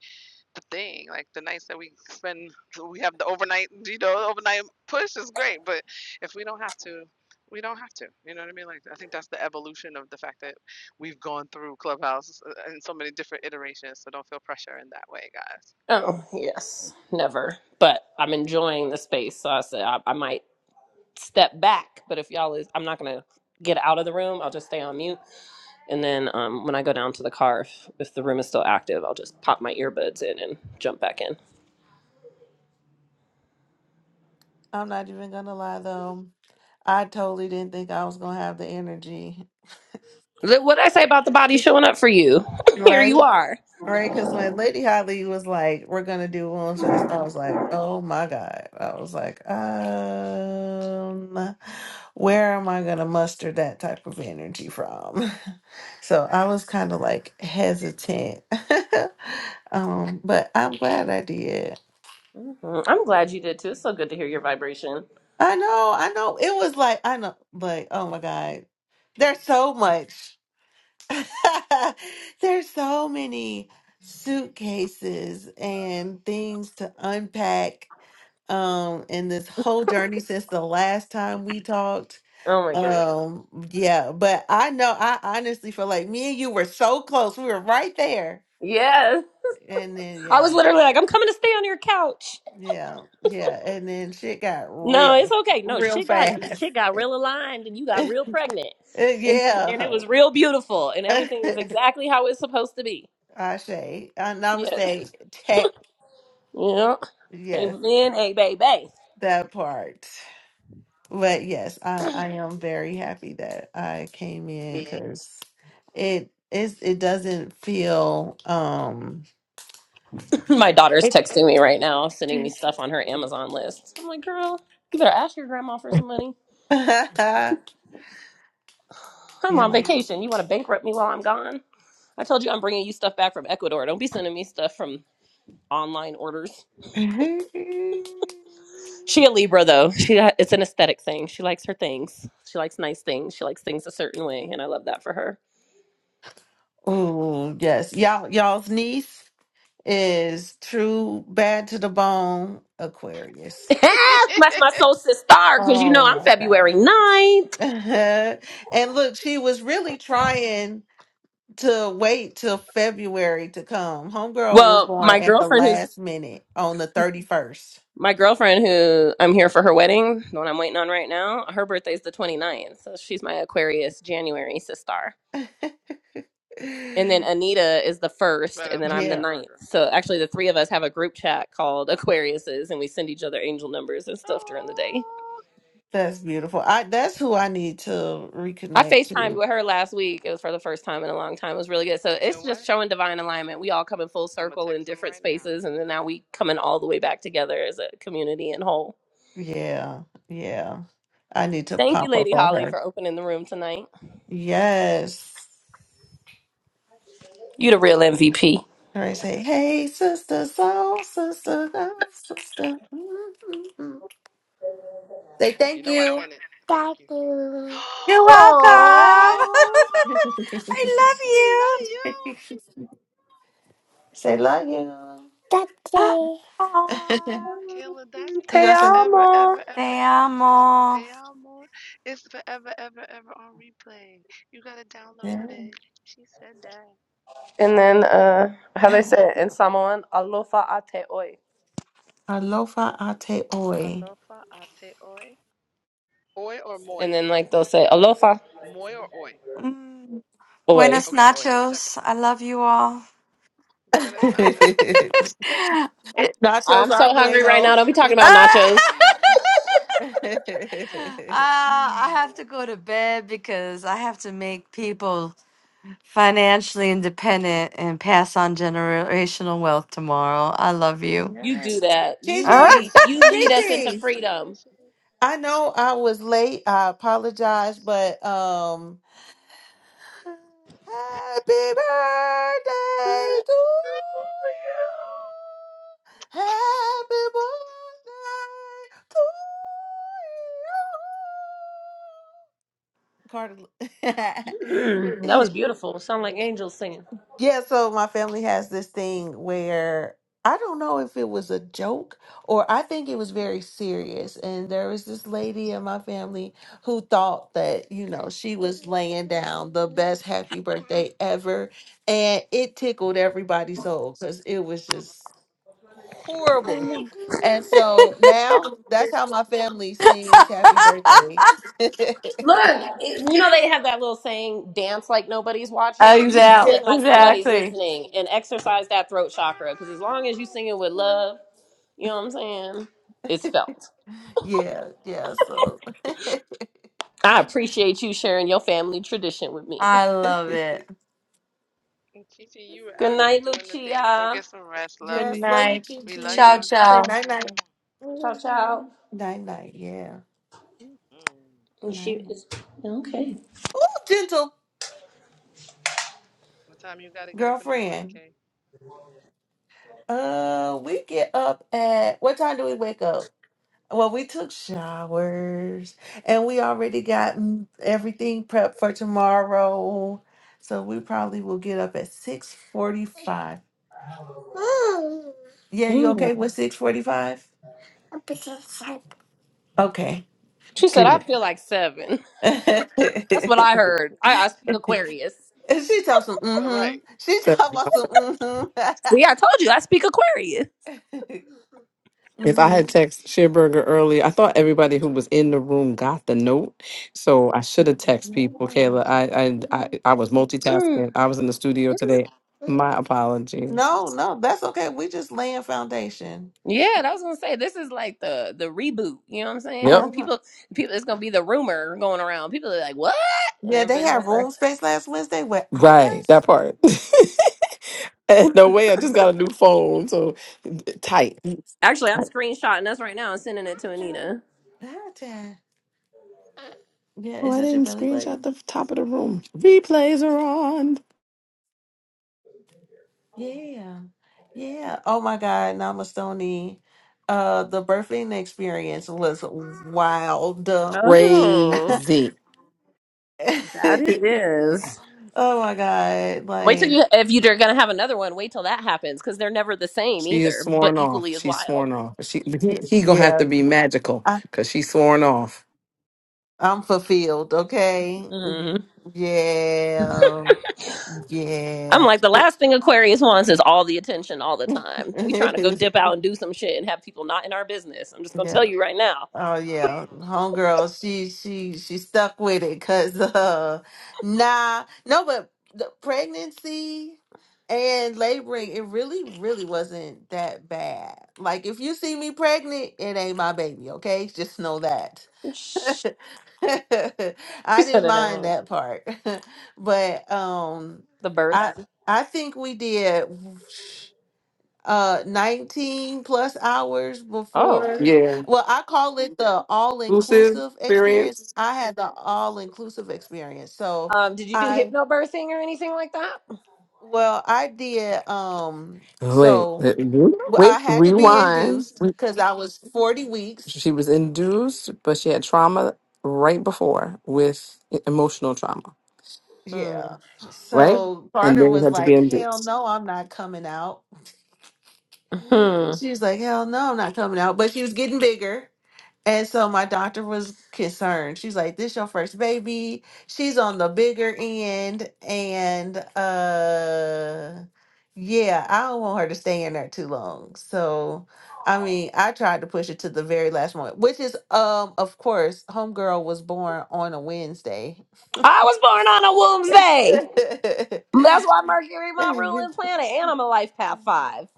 S1: the thing. Like the nights that we spend, we have the overnight, you know, overnight push is great. But if we don't have to, we don't have to. You know what I mean? Like I think that's the evolution of the fact that we've gone through Clubhouse uh, in so many different iterations. So don't feel pressure in that way, guys.
S2: Oh, yes. Never. But I'm enjoying the space. So I said I, I might step back. But if y'all is, I'm not going to get out of the room. I'll just stay on mute. And then um, when I go down to the car, if, if the room is still active, I'll just pop my earbuds in and jump back in.
S4: I'm not even gonna lie though. I totally didn't think I was gonna have the energy.
S2: What did I say about the body showing up for you? Here
S4: Right?
S2: you are.
S4: Right? Because when Lady Holly was like, "We're gonna do one face," I was like, "Oh my god!" I was like, "Um, where am I gonna muster that type of energy from?" So I was kind of like hesitant. um, but I'm glad I did.
S2: hmm I'm glad you did too. It's so good to hear your vibration.
S4: I know, I know. It was like I know, like oh my god, there's so much. there's so many suitcases and things to unpack um in this whole journey since the last time we talked.
S2: Oh my goodness.
S4: Um yeah, but I know I honestly feel like me and you were so close. We were right there.
S2: Yes.
S4: And then
S2: I was
S4: yeah.
S2: literally like, I'm coming to stay on your couch.
S4: Yeah. Yeah, and then shit got
S2: No, it's
S4: real
S2: okay. No,
S4: real
S2: shit got
S4: fast.
S2: shit got real aligned and you got real pregnant.
S4: Uh,
S2: And,
S4: Yeah,
S2: and it was real beautiful and everything is exactly how it's supposed to be.
S4: Ashe. Uh,
S2: Yes.
S4: namaste. Tech.
S2: Yeah.
S4: Yes,
S2: Amen. A baby.
S4: that part. But yes, I, I am very happy that I came in because it is it doesn't feel um
S2: My daughter's texting me right now, sending me stuff on her Amazon list. I'm like, girl, you better ask your grandma for some money.
S4: yeah.
S2: I'm on vacation. You want to bankrupt me while I'm gone? I told you I'm bringing you stuff back from Ecuador. Don't be sending me stuff from online orders. She a Libra though. She uh, it's an aesthetic thing. She likes her things. She likes nice things. She likes things a certain way, and I love that for her.
S4: Oh yes. Y'all y'all's niece is true bad to the bone Aquarius.
S2: That's my solstice star because you know I'm
S4: Oh my God.
S2: February ninth.
S4: and look, she was really trying to wait till February to come. Homegirl was
S2: Well,
S4: born
S2: my
S4: at the
S2: girlfriend who's
S4: last minute on the 31st.
S2: my girlfriend who I'm here for her wedding, the one I'm waiting on right now, her birthday's the twenty ninth, So she's my Aquarius January sister. and then Anita is the first,
S1: But I
S2: and then
S1: love
S2: I'm the
S1: Sheer
S4: yeah,
S2: ninth.
S1: Burger.
S2: So actually, the three of us have a group chat called Aquariuses, and we send each other angel numbers and stuff during the day.
S1: Oh,
S4: that's beautiful. I that's who I need to
S2: I
S4: reconnect
S2: FaceTimed
S4: to.
S2: with her last week. It was for the first time in a long time. It was really good. So
S1: you know
S2: it's
S1: what?
S2: just showing divine alignment. We all come in full
S1: I'm gonna
S2: circle in
S1: text him
S2: different
S1: right now.
S2: spaces, and then now we coming all the way back together as a community and whole.
S4: Yeah, yeah. I need to
S2: Thank you,
S4: pop up
S2: Lady
S4: on
S2: Holly,
S4: her.
S2: for opening the room tonight.
S4: Yes.
S2: You the real MVP.
S4: Or I say, hey, sister, soul, sister, soul, sister. Mm-mm-mm. Say
S1: You
S4: thank
S1: know I
S4: you.
S1: sent it. Thank you.
S3: You're welcome. I
S4: Thank
S3: love
S1: we love you.
S4: you. Say love you.
S3: you.
S4: Daddy.
S3: Aw.
S1: Kayla, that's
S4: You
S1: that's
S4: got some
S1: forever, ever,
S3: Te
S1: ever, ever.
S3: amo.
S1: They all more. It's forever, ever, ever on replay. You gotta
S4: yeah.
S1: download it. She said that.
S2: And then, uh, how they say it in Samoan, alofa ate oi.
S4: Alofa ate oi.
S1: Alofa ate oi. Oi or moi?
S2: And then, like, they'll say, alofa
S1: Moi or oi?
S3: Mm.
S2: oi.
S3: Buenos
S1: Okay, oi. Just checking.
S3: nachos. I love you all.
S1: Buenos nachos.
S4: Nachos
S2: I'm
S4: are
S2: so hungry right
S4: bueno.
S2: now. Don't be talking
S3: Uh,
S2: about
S1: Red, I'm about to
S2: nachos.
S1: eat.
S3: I have to go to bed because I have to make people financially independent and pass on generational wealth tomorrow. I love you.
S2: You do
S4: yes.
S2: that. You
S3: Uh,
S2: lead.
S4: Gigi,
S1: We
S2: You
S1: love
S2: lead us
S1: you.
S2: into
S4: Gigi.
S1: Do that
S2: freedom,
S1: shit.
S4: I know I was late. I apologize, but um. Happy birthday to you. Happy birthday to you. Carter.
S2: like angels singing.
S4: Yeah, so my family has this thing where I don't know if it was a joke or I think it was very serious. And there was this lady in my family who thought that, you know, she was laying down the best happy birthday ever. And it tickled everybody's soul because it was just horrible. And so now that's how my family sings happy birthday.
S2: Look, it- you know they have that little saying, "Dance like nobody's watching." You should
S3: exactly.
S2: sing like nobody's
S3: Exactly.
S4: yeah.
S2: listening, and exercise that throat chakra. Because as long as you sing it with love, you know what I'm saying. It's felt.
S4: Yeah, yeah. So
S2: I appreciate you sharing your family tradition with me.
S3: I love it.
S1: And Kiki, you were
S2: Good
S1: out here
S2: night,
S1: doing the thing. Go get
S2: Lucia.
S1: some rest,
S3: Good
S4: yes,
S1: lovey.
S4: love you,
S3: night.
S1: We love
S3: Ciao,
S4: Gigi.
S1: you.
S4: Say
S3: ciao.
S4: night night.
S2: Ciao, ciao.
S4: Night night, yeah.
S1: Mm-hmm.
S2: And she
S4: Night night.
S2: is okay.
S4: Oh, gentle
S1: What time you gotta get up in the morning,
S4: girlfriend.
S1: Kay?
S4: Uh we get up at what time do we wake up? Well, we took showers and we already got mm, everything prepped for tomorrow. So we probably will get up at 6:45. Yeah, you okay
S2: Mm.
S4: with 6:45? Okay,
S2: She said, "I
S4: good.
S2: feel like seven." That's what I heard. I, I speak
S4: she
S2: Aquarius.
S4: talks some
S1: All
S4: mm-hmm. She talks about some
S1: right.
S4: mm-hmm.
S2: See, I told you I speak Aquarius.
S1: If I
S4: mm-hmm.
S1: had texted Sheerberger earlier, I thought everybody who was in the room got the note. So I should have texted people, Kayla. I, I I I was multitasking.
S2: Mm.
S1: I was in the studio
S2: It was
S1: today. My apologies.
S4: No, no, that's okay. We just laying foundation.
S2: yeah. I was gonna say this is like the the reboot. You know what I'm
S1: Yep.
S2: saying?
S4: Uh-huh.
S2: People, people. It's gonna be the rumor going around. People are like, what? And
S4: Yeah, they
S2: everybody's gonna
S4: had
S2: start.
S4: room space last Wednesday without
S1: Right.
S4: us.
S1: That part. And no way. I just got a
S4: Not
S1: new phone. So tight. tight.
S2: Actually, I'm screenshotting us right now and sending it to Anita.
S4: that. Yeah,
S1: Oh,
S4: is
S1: I
S4: that your
S1: didn't
S4: belly
S1: screenshot
S4: button?
S1: the top of the room. Replays are on.
S4: Yeah. Yeah. Oh my God, Namastone. Uh the birthing experience was wild. oh
S2: Oh,
S1: Crazy.
S2: that it is.
S4: my God.
S2: Wait till
S4: Like
S2: you if you're gonna have another one. Wait till that happens because they're never the same
S1: She is
S2: either, but
S1: sworn
S2: equally
S1: off.
S2: as
S1: She's
S2: wild.
S1: sworn off. She he, he gonna have
S4: yeah.
S1: to be magical
S4: I,
S1: because she's sworn off.
S4: I'm fulfilled, okay?
S2: Mm.
S4: Yeah.
S2: I'm
S4: Yeah.
S2: like the last thing Aquarius wants is all the attention all the time. We trying to go dip out and do some shit and have people not in our business. I'm just gonna
S4: yeah.
S2: tell you right now.
S4: Oh yeah, homegirl. She she she stuck with it because uh, nah, no, but the pregnancy and laboring, it really really wasn't that bad. Like if you see me pregnant, it ain't my baby. Okay, just know that.
S2: She
S4: I didn't
S2: said it ain't
S4: mind that part, but um,
S2: the
S4: I
S2: birth.
S4: I think we did uh 19 plus hours
S2: Oh,
S4: before
S1: Yeah.
S4: well i call it the
S1: Lucid
S4: all-inclusive experience
S1: experience.
S4: i had the all-inclusive experience so
S2: um, did you do
S4: i
S2: hypnobirthing or anything like that?
S4: well i did um
S1: Wait,
S4: so
S1: uh,
S4: well, i
S1: wait,
S4: had to be
S1: rewind.
S4: induced
S1: Re-
S4: because i was 40 weeks
S1: She was induced, but she had trauma right before with e- emotional trauma,
S4: yeah
S2: Mm.
S1: right?
S4: so
S1: And
S4: carter
S1: Then you
S4: was
S1: had to be
S4: like hell
S1: induced.
S4: no i'm not coming out she was like hell no i'm not coming out but she was getting bigger And so my doctor was concerned. She's like, "This your first baby. She's on the bigger end, and uh, yeah, I don't want her to stay in there too long." So, I mean, I tried to push it to the very last moment, which is, um, of course, homegirl was born on a Wednesday.
S2: I was born on a Wednesday. That's why Mercury, my ruling planet, and I'm a life path five.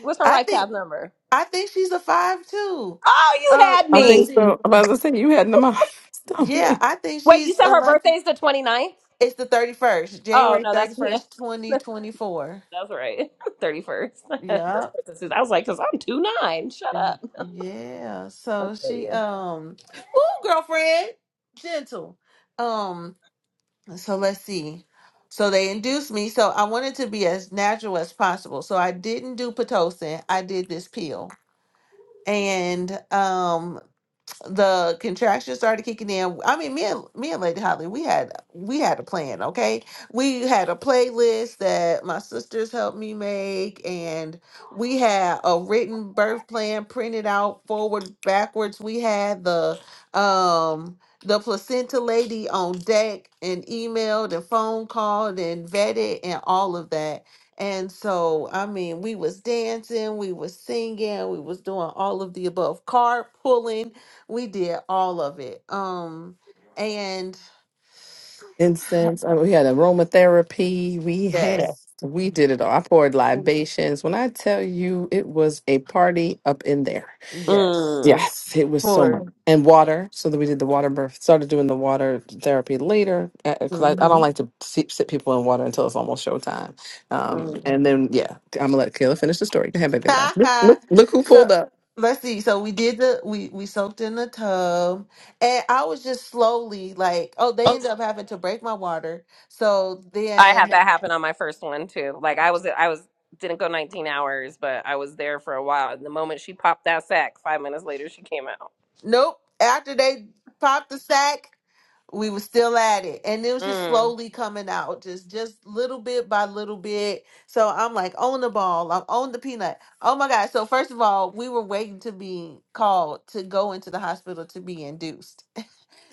S2: What's her
S4: I
S2: life
S4: think
S2: path number?
S4: I think she's a five too.
S2: Oh, you
S4: Uh,
S2: had
S1: I
S4: let me
S1: think
S2: me.
S4: see.
S1: so. But as I said, you had pneumonia,
S4: Yeah,
S1: stomach,
S4: I think
S2: Wait, you
S4: she's
S2: said her birthday
S4: elected.
S2: is the twenty ninth?
S4: It's the 31st,
S2: Oh,
S4: January
S2: no, that's yeah.
S4: 31st, 2024.
S2: That's right. 31st. that's
S4: Yep.
S2: Princess Susan. I was like, because I'm 2 9. Shut
S4: Mm,
S2: up.
S4: Yeah. So
S2: Okay,
S4: she
S2: yeah.
S4: um woo girlfriend, gentle. Um so let's see. So they induced me. So I wanted to be as natural as possible. So I didn't do Pitocin. I did this pill. And um the contraction started kicking in. I mean, me and me and Lady Holly, we had we had a plan, okay? We had a playlist that my sisters helped me make, and we had a written birth plan printed out forward, backwards. We had the um the placenta lady on deck and emailed and phone called and vetted and all of that. And so, I mean, we was dancing, we was singing, we was doing all of the above, carpooling we did all of it. Um, and
S1: incense. uh, We had aromatherapy. We had,
S4: yes,
S1: we did it all. I poured libations. When I tell you, it was a party up in there.
S4: yes,
S2: Mm.
S1: Yes, it was so much.
S4: for
S1: And water, so that we did the water birth. Started doing the water therapy later because I, I don't
S4: mhm.
S1: like to sit, sit people in water until it's almost showtime.
S2: mm.
S1: Um, and then, yeah, I'm going to let Kayla finish the story. Go ahead, baby. Love. Look, look, look who
S4: so
S1: pulled up.
S4: let's see. So we did the we we soaked in the tub, and I was just slowly like, oh, they ended up having to break my water. So
S2: I had
S4: then
S2: that happen on my first one too. Like I was I was didn't go 19 hours, but I was there for a while. And the moment she popped that sack, five minutes later she came out.
S4: Nope. After they popped the sack, we were still at it. And it was just
S2: Mm.
S4: slowly coming out, just just little bit by little bit. So I'm like, own the ball. I'm on the peanut. Oh my God. So first of all, we were waiting to be called to go into the hospital to be induced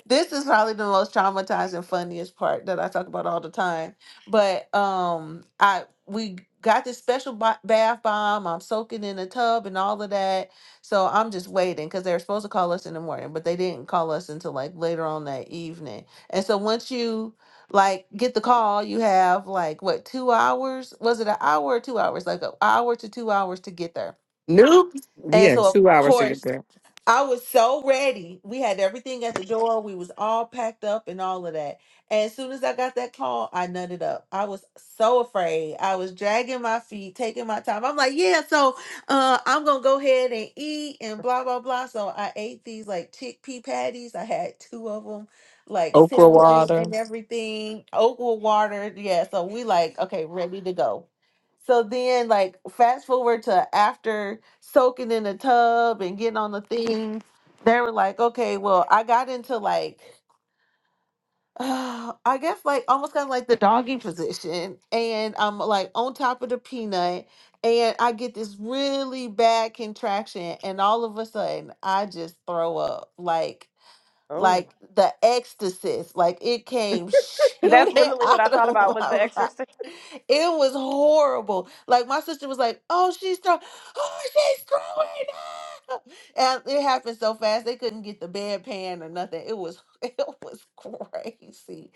S4: this is probably the most traumatizing funniest part that i talk about all the time but um i we got this special ba- bath bomb i'm soaking in a tub and all of that so i'm just waiting because they were supposed to call us in the morning but they didn't call us until like later on that evening and so once you like get the call you have like what two hours was it an hour or two hours like an hour to two hours to get there
S1: Nope. We
S4: and
S1: had
S4: so of
S1: two hours to get
S4: course
S1: there.
S4: I was so ready. We had everything at the door. We was all packed up and all of that. And as soon as I got that call, I nutted up. I was so afraid. I was dragging my feet, taking my time. I'm like, yeah, so uh, I'm gonna go ahead and eat and blah blah blah. So I ate these like chickpea patties. I had two of them, like
S1: Okra
S4: sandwiches
S1: water.
S4: and everything, oat with water. Yeah. So we like, okay, ready to go. So then, like, fast forward to after soaking in the tub and getting on the thing, they were like, okay, well, I got into like, I guess like almost kind of like the doggy position, and I'm like on top of the peanut, and I get this really bad contraction, and all of a sudden, I just throw up, like
S2: Oh.
S4: like the ecstasy, like it came shooting
S2: That's literally what
S4: out
S2: I thought
S4: of
S2: about
S4: my
S2: was the
S4: mouth.
S2: exorcist.
S4: It was horrible. Like my sister was like, "Oh, she's throwing, oh, she's throwing up," and it happened so fast they couldn't get the bedpan or nothing. It was it was crazy.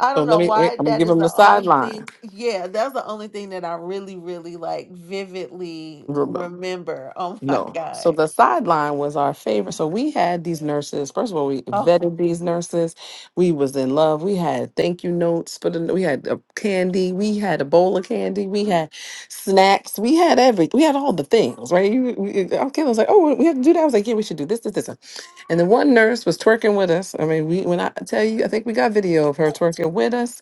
S4: I
S1: So
S4: don't
S1: let
S4: know
S1: me, wait,
S4: why.
S1: I'm going
S4: That
S1: to give
S4: is
S1: him the
S4: the only
S1: sideline.
S4: thing. Yeah, that's the only thing that I really, really like vividly remember. Oh my
S1: No. So
S4: god.
S1: the sideline was our favorite. So we had these nurses. First of all, we
S4: Oh.
S1: vetted these nurses. We was in love. We had thank you notes, but we had uh, candy. We had a bowl of candy. We had snacks. We had every. We had all the things, right? You, you, our kid was like, "Oh, we have to do that." I was like, "Yeah, we should do this, this, this." And then one nurse was twerking with us. I mean, we when I tell you, I think we got video of her twerking with us.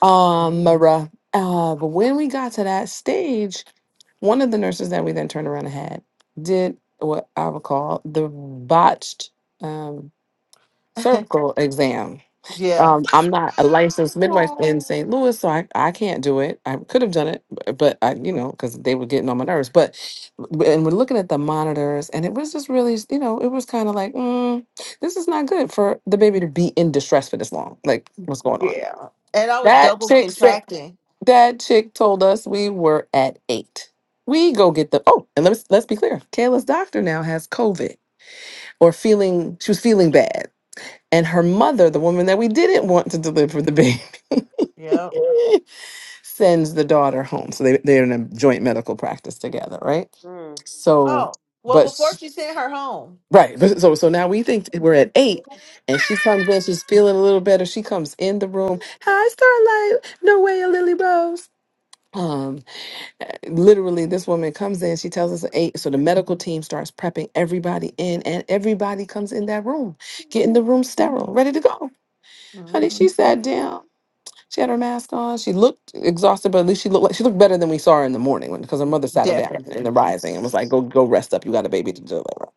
S1: Um, Mara. Uh, but when we got to that stage, one of the nurses that we then turned around and had did what I would call the botched um, cervical exam.
S4: Yeah.
S1: Um, I'm not a licensed midwife in St. Louis, so I, I can't do it. I could have done it, b- but I, you know, because they were getting on my nerves. But w- and we're looking at the monitors, and it was just really, you know, it was kind of like, mm, this is not good for the baby to be in distress for this long. Like, what's going on?
S4: Yeah. And I was
S1: That
S4: double
S1: chick said.
S4: contracting.
S1: That chick told us we were at eight. We go get the oh, and let's let's be clear. Kayla's doctor now has COVID or feeling she was feeling bad. And her mother, the woman that we didn't want to deliver the baby,
S4: Yep.
S1: sends the daughter home. So they, they're in a joint medical practice together, right?
S2: Mm.
S1: So,
S4: Oh, well,
S1: but
S4: before
S1: s-
S4: she sent her home.
S1: right. But so so now we think we're at eight and she comes in, she's feeling a little better. She comes in the room. Hi, Starlight, no way, a Lily Rose. Um. literally this woman comes in she tells us at eight so the medical team starts prepping everybody in and everybody comes in that room getting the room sterile ready to go
S4: hmm
S1: honey she sat down she had her mask on she looked exhausted but at least she looked like she looked better than we saw her in the morning when because her mother sat her down
S4: Definitely.
S1: in the rising and was like go go rest up you got a baby to deliver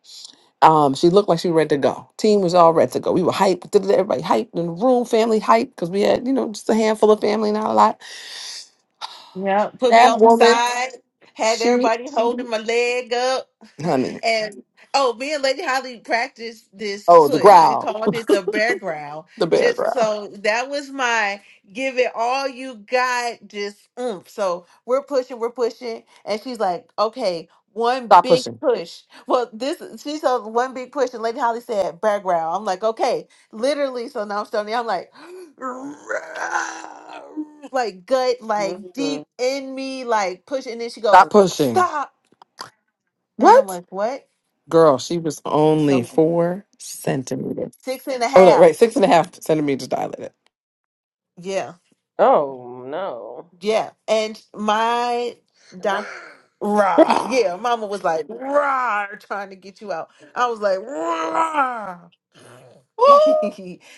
S1: um she looked like she was ready to go team was all ready to go we were hyped everybody hyped in the room family hyped because we had you know just a handful of family not a lot
S4: Yeah. Put me
S1: that
S4: on my
S1: woman
S4: side, had
S1: she
S4: everybody holding my leg up.
S1: honey
S4: And oh, me and Lady Holly practiced this
S1: Oh, the
S4: push. We
S1: growl.
S4: called it the bear growl.
S1: The bear
S4: Just
S1: growl.
S4: so that was my give it all you got, just oomph. So we're pushing, we're pushing. And she's like, okay, one
S1: Stop
S4: big
S1: pushing.
S4: push. Well, this she said one big push, and Lady Holly said bear growl. I'm like, okay, literally. So now I'm starting, I'm like, like gut, like
S2: Mm.
S4: deep in me, like push. And then she goes,
S1: Stop pushing.
S4: stop. And I'm
S1: What?
S4: like, what?
S1: Girl, she was only
S4: So
S1: four centimeters.
S4: Six and a
S1: Oh, no,
S4: half.
S1: right. Six and a half centimeters dilated.
S4: Yeah.
S2: Oh no.
S4: Yeah. And my doc rah.
S1: Ah.
S4: Yeah. Mama was like, rah, trying to get you out. I was like, rah.
S1: Oh,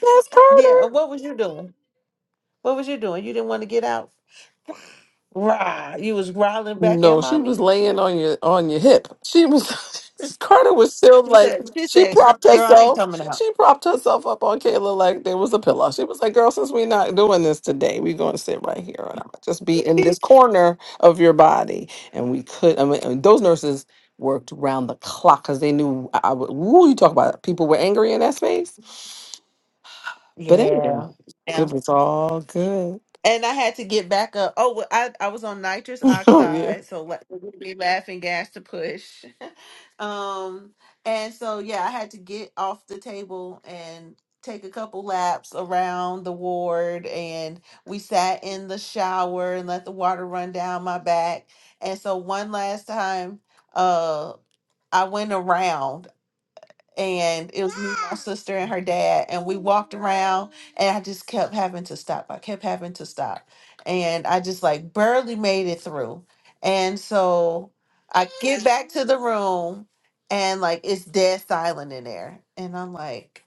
S1: that's
S4: yeah.
S1: Carter.
S4: and What was you doing? What was you doing? You didn't want to get out? Rah. You was growling back at
S1: No, she was
S4: mommy.
S1: laying on your on your hip. She was Carter was still
S4: She
S1: like
S4: said, she
S1: she
S4: said,
S1: propped
S4: girl, I ain't
S1: herself.
S4: coming out.
S1: She propped herself up on Kayla like there was a pillow. She was like, "Girl, since we're not doing this today, we're going to sit right here and I'm gonna just be in
S4: yeah.
S1: this corner of your body." And we could. I mean, and those nurses worked round the clock because they knew. I, I would- woo, you talk about it. people were angry in that space. But anyway,
S4: Yeah.
S1: it was all good.
S4: And I had to get back up. Oh, well, I I was on nitrous
S1: oh yeah.
S4: oxide, so la- be laughing gas to push. um, and so yeah, I had to get off the table and take a couple laps around the ward, and we sat in the shower and let the water run down my back. And so one last time, uh, I went around and it was me, my sister, and her dad, and we walked around, and I just kept having to stop. I kept having to stop, and I just like barely made it through. And so I get back to the room, and like it's dead silent in there, and I'm like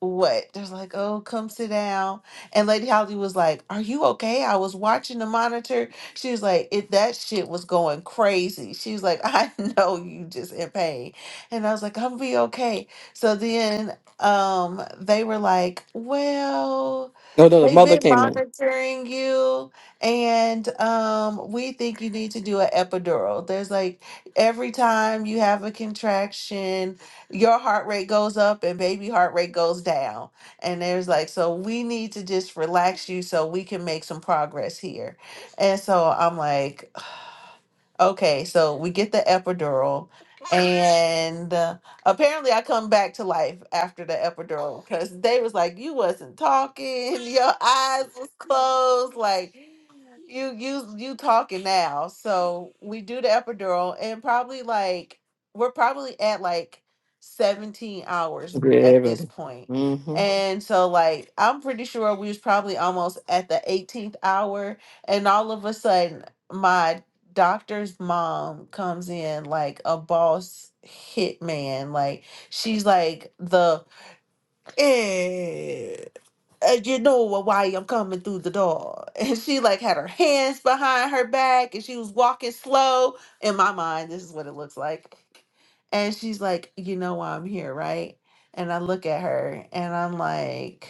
S4: what? They're like, oh, come sit down. And Lady Holly was like, are you okay? I was watching the monitor. She was like, it, that shit was going crazy. She was like, I know you just in pain. And I was like, I'm gonna be okay. So then um, they were like, well,
S1: No, no, the
S4: they've
S1: mother
S4: been
S1: came in.
S4: monitoring you and um, we think you need to do an epidural. There's like every time you have a contraction, your heart rate goes up and baby heart rate goes down. And there's like, so we need to just relax you so we can make some progress here. And so I'm like, Okay, so we get the epidural, and uh, apparently I come back to life after the epidural because they was like, "You wasn't talking, your eyes was closed, like you you you talking now." So we do the epidural, and probably like we're probably at like seventeen hours
S1: Yeah,
S4: at this
S1: everybody.
S4: point, and so like I'm pretty sure we was probably almost at the eighteenth hour, and all of a sudden. my doctor's mom comes in like a boss hitman. Like she's like the eh, uh, you know wh- why I'm coming through the door. And she like had her hands behind her back and she was walking slow. In my mind, this is what it looks like. And she's like, you know why I'm here, right? And I look at her and I'm like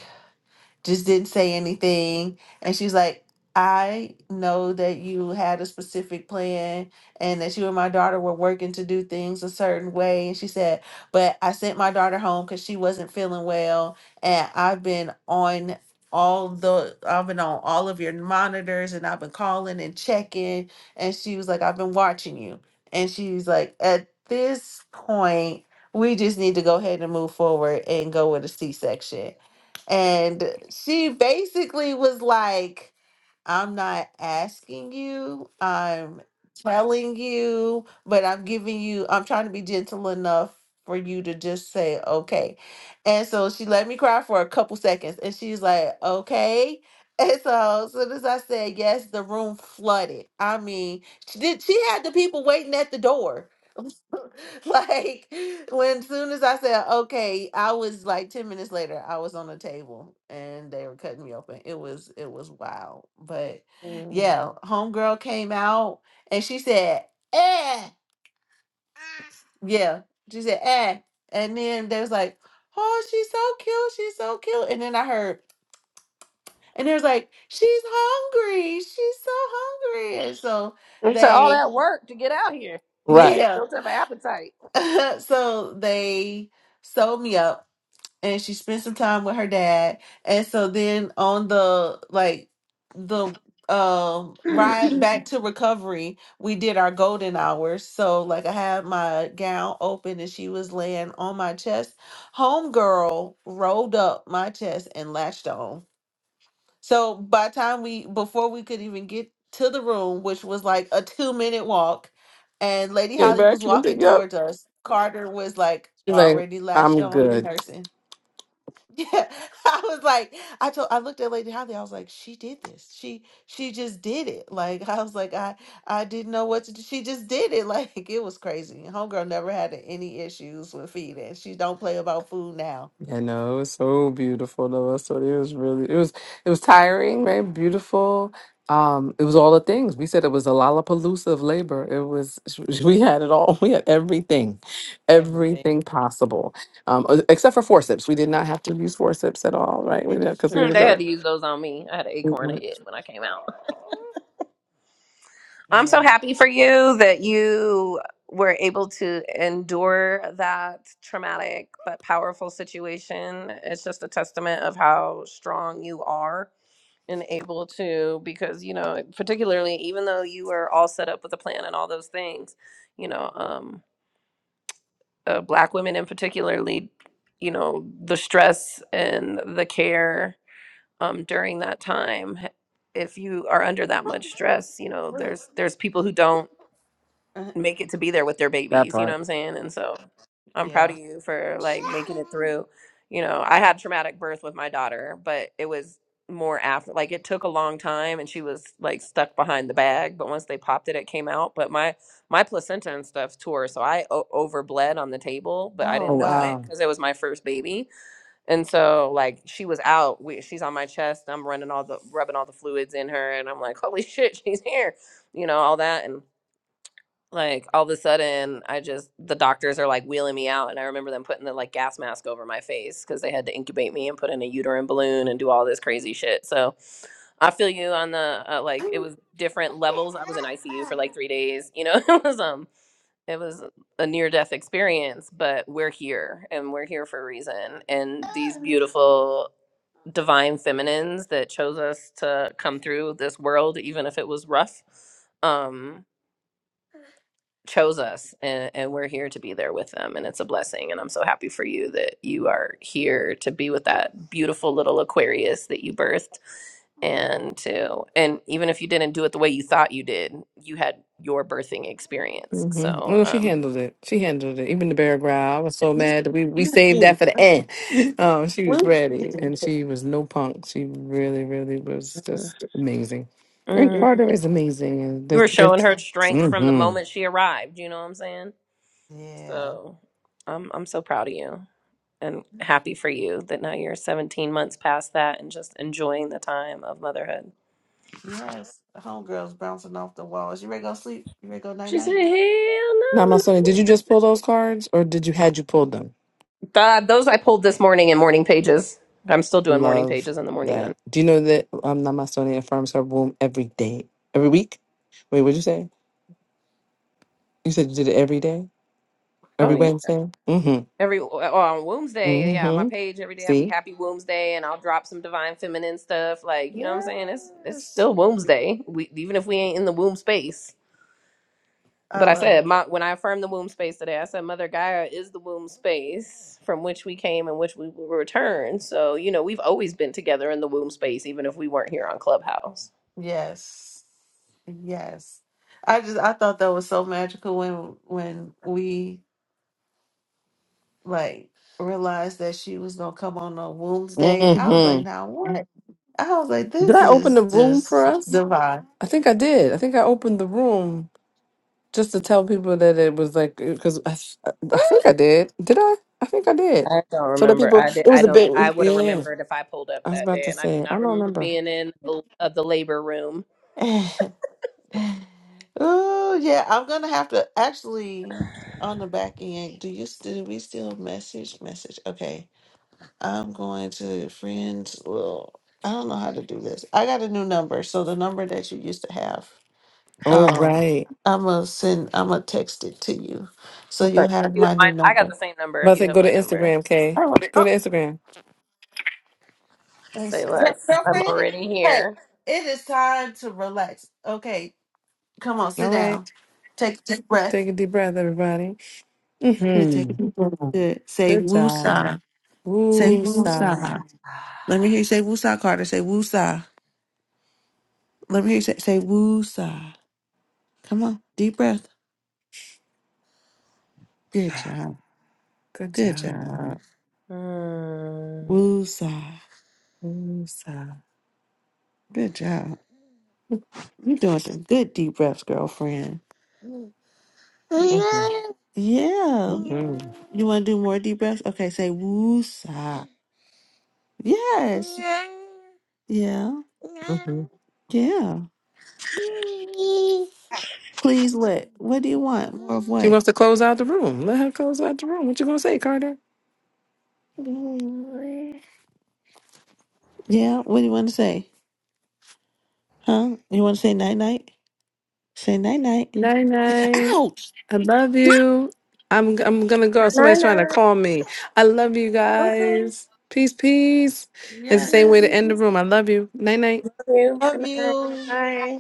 S4: just didn't say anything. And she's like, I know that you had a specific plan and that you and my daughter were working to do things a certain way. And she said, but I sent my daughter home because she wasn't feeling well. And I've been on all the I've been on all of your monitors and I've been calling and checking. And she was like, I've been watching you. And she's like, at this point, we just need to go ahead and move forward and go with a C section and she basically was like, I'm not asking you, I'm telling you, but I'm giving you, I'm trying to be gentle enough for you to just say, okay. And so she let me cry for a couple seconds and she's like, okay. And so as soon as I said yes, the room flooded. I mean, she did she had the people waiting at the door like when soon as I said okay, I was like ten minutes later, I was on the table and they were cutting me open. It was it was wild, but
S2: Mm.
S4: yeah, homegirl came out and she said, "Eh, yeah," she said, "Eh," and then they was like, "Oh, she's so cute, she's so cute," and then I heard. And they was like, she's hungry. She's so hungry. And so
S2: And so all
S4: they,
S2: that work to get out here.
S1: Right.
S4: yeah.
S2: Built up an appetite.
S4: so they sewed me up and she spent some time with her dad. And so then on the like the um ride back to recovery, we did our golden hours. So like I had my gown open and she was laying on my chest. Homegirl rolled up my chest and latched on. So by the time we before we could even get to the room, which was like a two minute walk, and Lady
S1: Came
S4: Holly
S1: back
S4: was
S1: to the
S4: walking
S1: pick up.
S4: towards us, Carter was like
S1: She's like,
S4: already latched
S1: I'm
S4: on and
S1: good.
S4: nursing. Yeah, I was like, I told, I looked at Lady Holly. I was like, she did this. She, she just did it. Like, I was like, I, I didn't know what to do. She just did it. Like, it was crazy. Homegirl never had any issues with feeding. She don't play about food now.
S1: You know, it was so beautiful though. So it was really it was it was tiring, right? Beautiful. Um, it was all the things. We said it was a lollapalooza of labor. It was we
S4: Yeah,
S1: had it all. We had everything,
S4: everything.
S1: everything possible, um, uh, except for forceps. We did not have to use forceps at all, right? We
S4: This is
S1: because we
S4: true.
S2: Mm,
S1: didn't
S2: They
S1: go
S2: had
S1: there.
S2: to use those on me. I had an acorn
S1: Mhm.
S2: head when I came out. I'm so
S4: Yeah.
S2: happy for you that you were able to endure that traumatic but powerful situation. It's just a testament of how strong you are and able to, because, you know, particularly even though you were all set up with a plan and all those things, you know, um, uh, Black women in particularly, you know, the stress and the care um, during that time. If you are under that much stress, you know,
S4: Oof.
S2: there's there's people who don't
S4: Uh,
S2: make it to be there with their
S1: That
S2: babies, you know
S1: part.
S2: what I'm saying? And so I'm proud
S4: Yeah.
S2: of you for like making it through. You know, I had traumatic birth with my daughter, but it was more after like it took a long time and she was like stuck behind the bag, but once they popped it it came out, but my my placenta and stuff tore, so I o- overbled on the table, but I
S4: Oh
S1: Oh
S2: didn't know
S4: wow.
S2: it
S1: wow.
S2: cuz it was my first baby. And so like she was out, we, she's on my chest, I'm running all the rubbing all the fluids in her and I'm like, "Holy shit, she's here." You know, all that and like all of a sudden i just the doctors are like wheeling me out and i remember them putting the like gas mask over my face because they had to incubate me and put in a uterine balloon and do all this crazy shit so i feel you on the uh, like it was different levels i was in icu for like three days you know it was um it was a near death experience but we're here and we're here for a reason and these beautiful divine feminines that chose us to come through this world even if it was rough Um chose us and, and we're here to be there with them and it's a blessing and i'm so happy for you that you are here to be with that beautiful little aquarius that you birthed and to and even if you didn't do it the way you thought you did you had your birthing experience
S1: hmm
S2: so
S1: Well, she
S2: um
S1: handled it. She handled it. Even the bear growl. I was so
S2: use
S1: mad
S2: the
S1: that we, we
S2: use the
S1: saved that
S2: gene.
S1: for the end. Um, she was
S4: Oof.
S1: ready, and she was no punk. She really, really was
S2: Mhm.
S1: just amazing. And
S2: Mm.
S1: Carter is amazing, and
S2: you
S1: that's.
S2: were showing
S1: that's
S2: her strength from the
S1: mm-hmm.
S2: moment she arrived you know what i'm saying
S4: Yeah.
S2: So I'm I'm so proud of you and happy for you that now you're 17 months past that and just enjoying the time of motherhood.
S4: Yes. The homegirl's bouncing off the walls. You ready to go sleep? You ready to go night
S2: She said,
S4: night?
S2: "Hell no!"
S1: Now,
S2: I'm
S1: my
S2: not."
S1: son, did you just pull those cards, or did you had you pulled them?
S2: Th- those I pulled this morning in morning pages. I'm still doing morning
S1: Love
S2: pages in the morning on.
S1: that. Do you know that um, Namasone affirms her womb every day, every week? Wait, what'd you say? You said you did it every day,
S2: Oh
S1: every
S2: yeah,
S1: Wednesday. Mm-hmm.
S2: every oh, on Wombs Day, yeah, my
S1: Mm-hmm.
S2: page every day. I'll be
S1: See.
S2: happy Womb's Day and I'll drop some divine feminine stuff. Like you know what I'm saying? It's it's
S4: Yes.
S2: still Womb's Day. We even if we ain't in the womb space.
S4: I
S2: But I
S4: love
S2: said,
S4: it.
S2: my, when I affirmed the womb space today, I said, Mother Gaia is the womb space from which we came and which we will return. So, you know, we've always been together in the womb space, even if we weren't here on Clubhouse.
S4: Yes. Yes. I just I thought that was so magical when when we like realized that she was gonna come on a Wednesday. I was
S1: Mm-hmm.
S4: like, now what? I was like,
S1: Did
S4: this
S1: I open
S4: is
S1: the room for
S4: just
S1: us?
S4: divine.
S1: I think I did. I think I opened the room just to tell people that it was like because I, I think I did. Did I? I think I did.
S2: I don't
S1: So that
S2: remember.
S1: people,
S2: I did.
S1: it was
S2: I
S1: a
S2: don't. I
S1: bit.
S2: would have
S1: Yeah,
S2: remembered if I pulled up
S1: I was
S2: that
S1: about
S2: day,
S1: to
S2: and I do
S1: say. I
S2: not
S1: don't
S2: remember
S1: remember.
S2: being in the- uh, the labor room.
S4: Oh yeah, I'm gonna have to actually on the back end. Do you still we still message message? Okay. I'm going to friends. Well, I don't know how to do this. I got a new number, so the number that you used to have,
S1: Oh
S4: um,
S1: right.
S4: I'm gonna send. I'm gonna text it to you, so you'll
S2: Okay.
S4: have
S2: You
S4: my
S2: got mine.
S4: new
S2: I got
S4: number.
S2: the same number.
S1: I'm about
S2: If
S1: to say
S2: you have
S1: go to
S2: my number,
S1: Instagram, Kay.
S4: Oh,
S1: Go
S4: oh,
S1: to Instagram.
S4: is
S2: say
S4: that
S2: less. I'm
S4: girlfriend.
S2: already
S4: Hey,
S2: here.
S4: it is time to relax. Okay, come on, sit
S1: All right.
S4: down. Take a deep breath.
S1: Take a deep breath, everybody.
S4: Good, take a
S1: Mm-hmm.
S4: deep breath. Good. Say
S1: Good job.
S4: woosah. Say
S1: Woo sa.
S4: woosah. Let me hear you say woosah, Carter. Say woosah. Let me hear you say say woosah. Come on, deep breath. Good job.
S1: Good
S4: Good
S1: job.
S4: job.
S2: Mm.
S4: Woosah.
S1: Woo sa.
S4: Good job. You're doing some good deep breaths, girlfriend.
S1: Mm-hmm.
S4: Yeah.
S1: Mm-hmm.
S4: You want to do more deep breaths? Okay, say woosah. Yes. Yeah.
S1: Mm-hmm.
S4: Yeah. Please, what? What do you want? More of
S1: She
S4: what?
S1: wants to close out the room. Let her close out the room. What you gonna say, Carter?
S4: Yeah. What do you want to say? Huh? You want to say night night? Say night night.
S1: Night night.
S4: Ouch.
S1: I love you. I'm I'm gonna go. Somebody's
S2: Nine
S1: trying to
S2: nine.
S1: call me. I love you
S2: Okay.
S1: guys. Peace, peace. It's the same way to end the
S2: Thanks.
S1: room. I love you. Night night.
S2: Love you.
S4: Love
S2: Good night.
S4: you.
S2: Bye.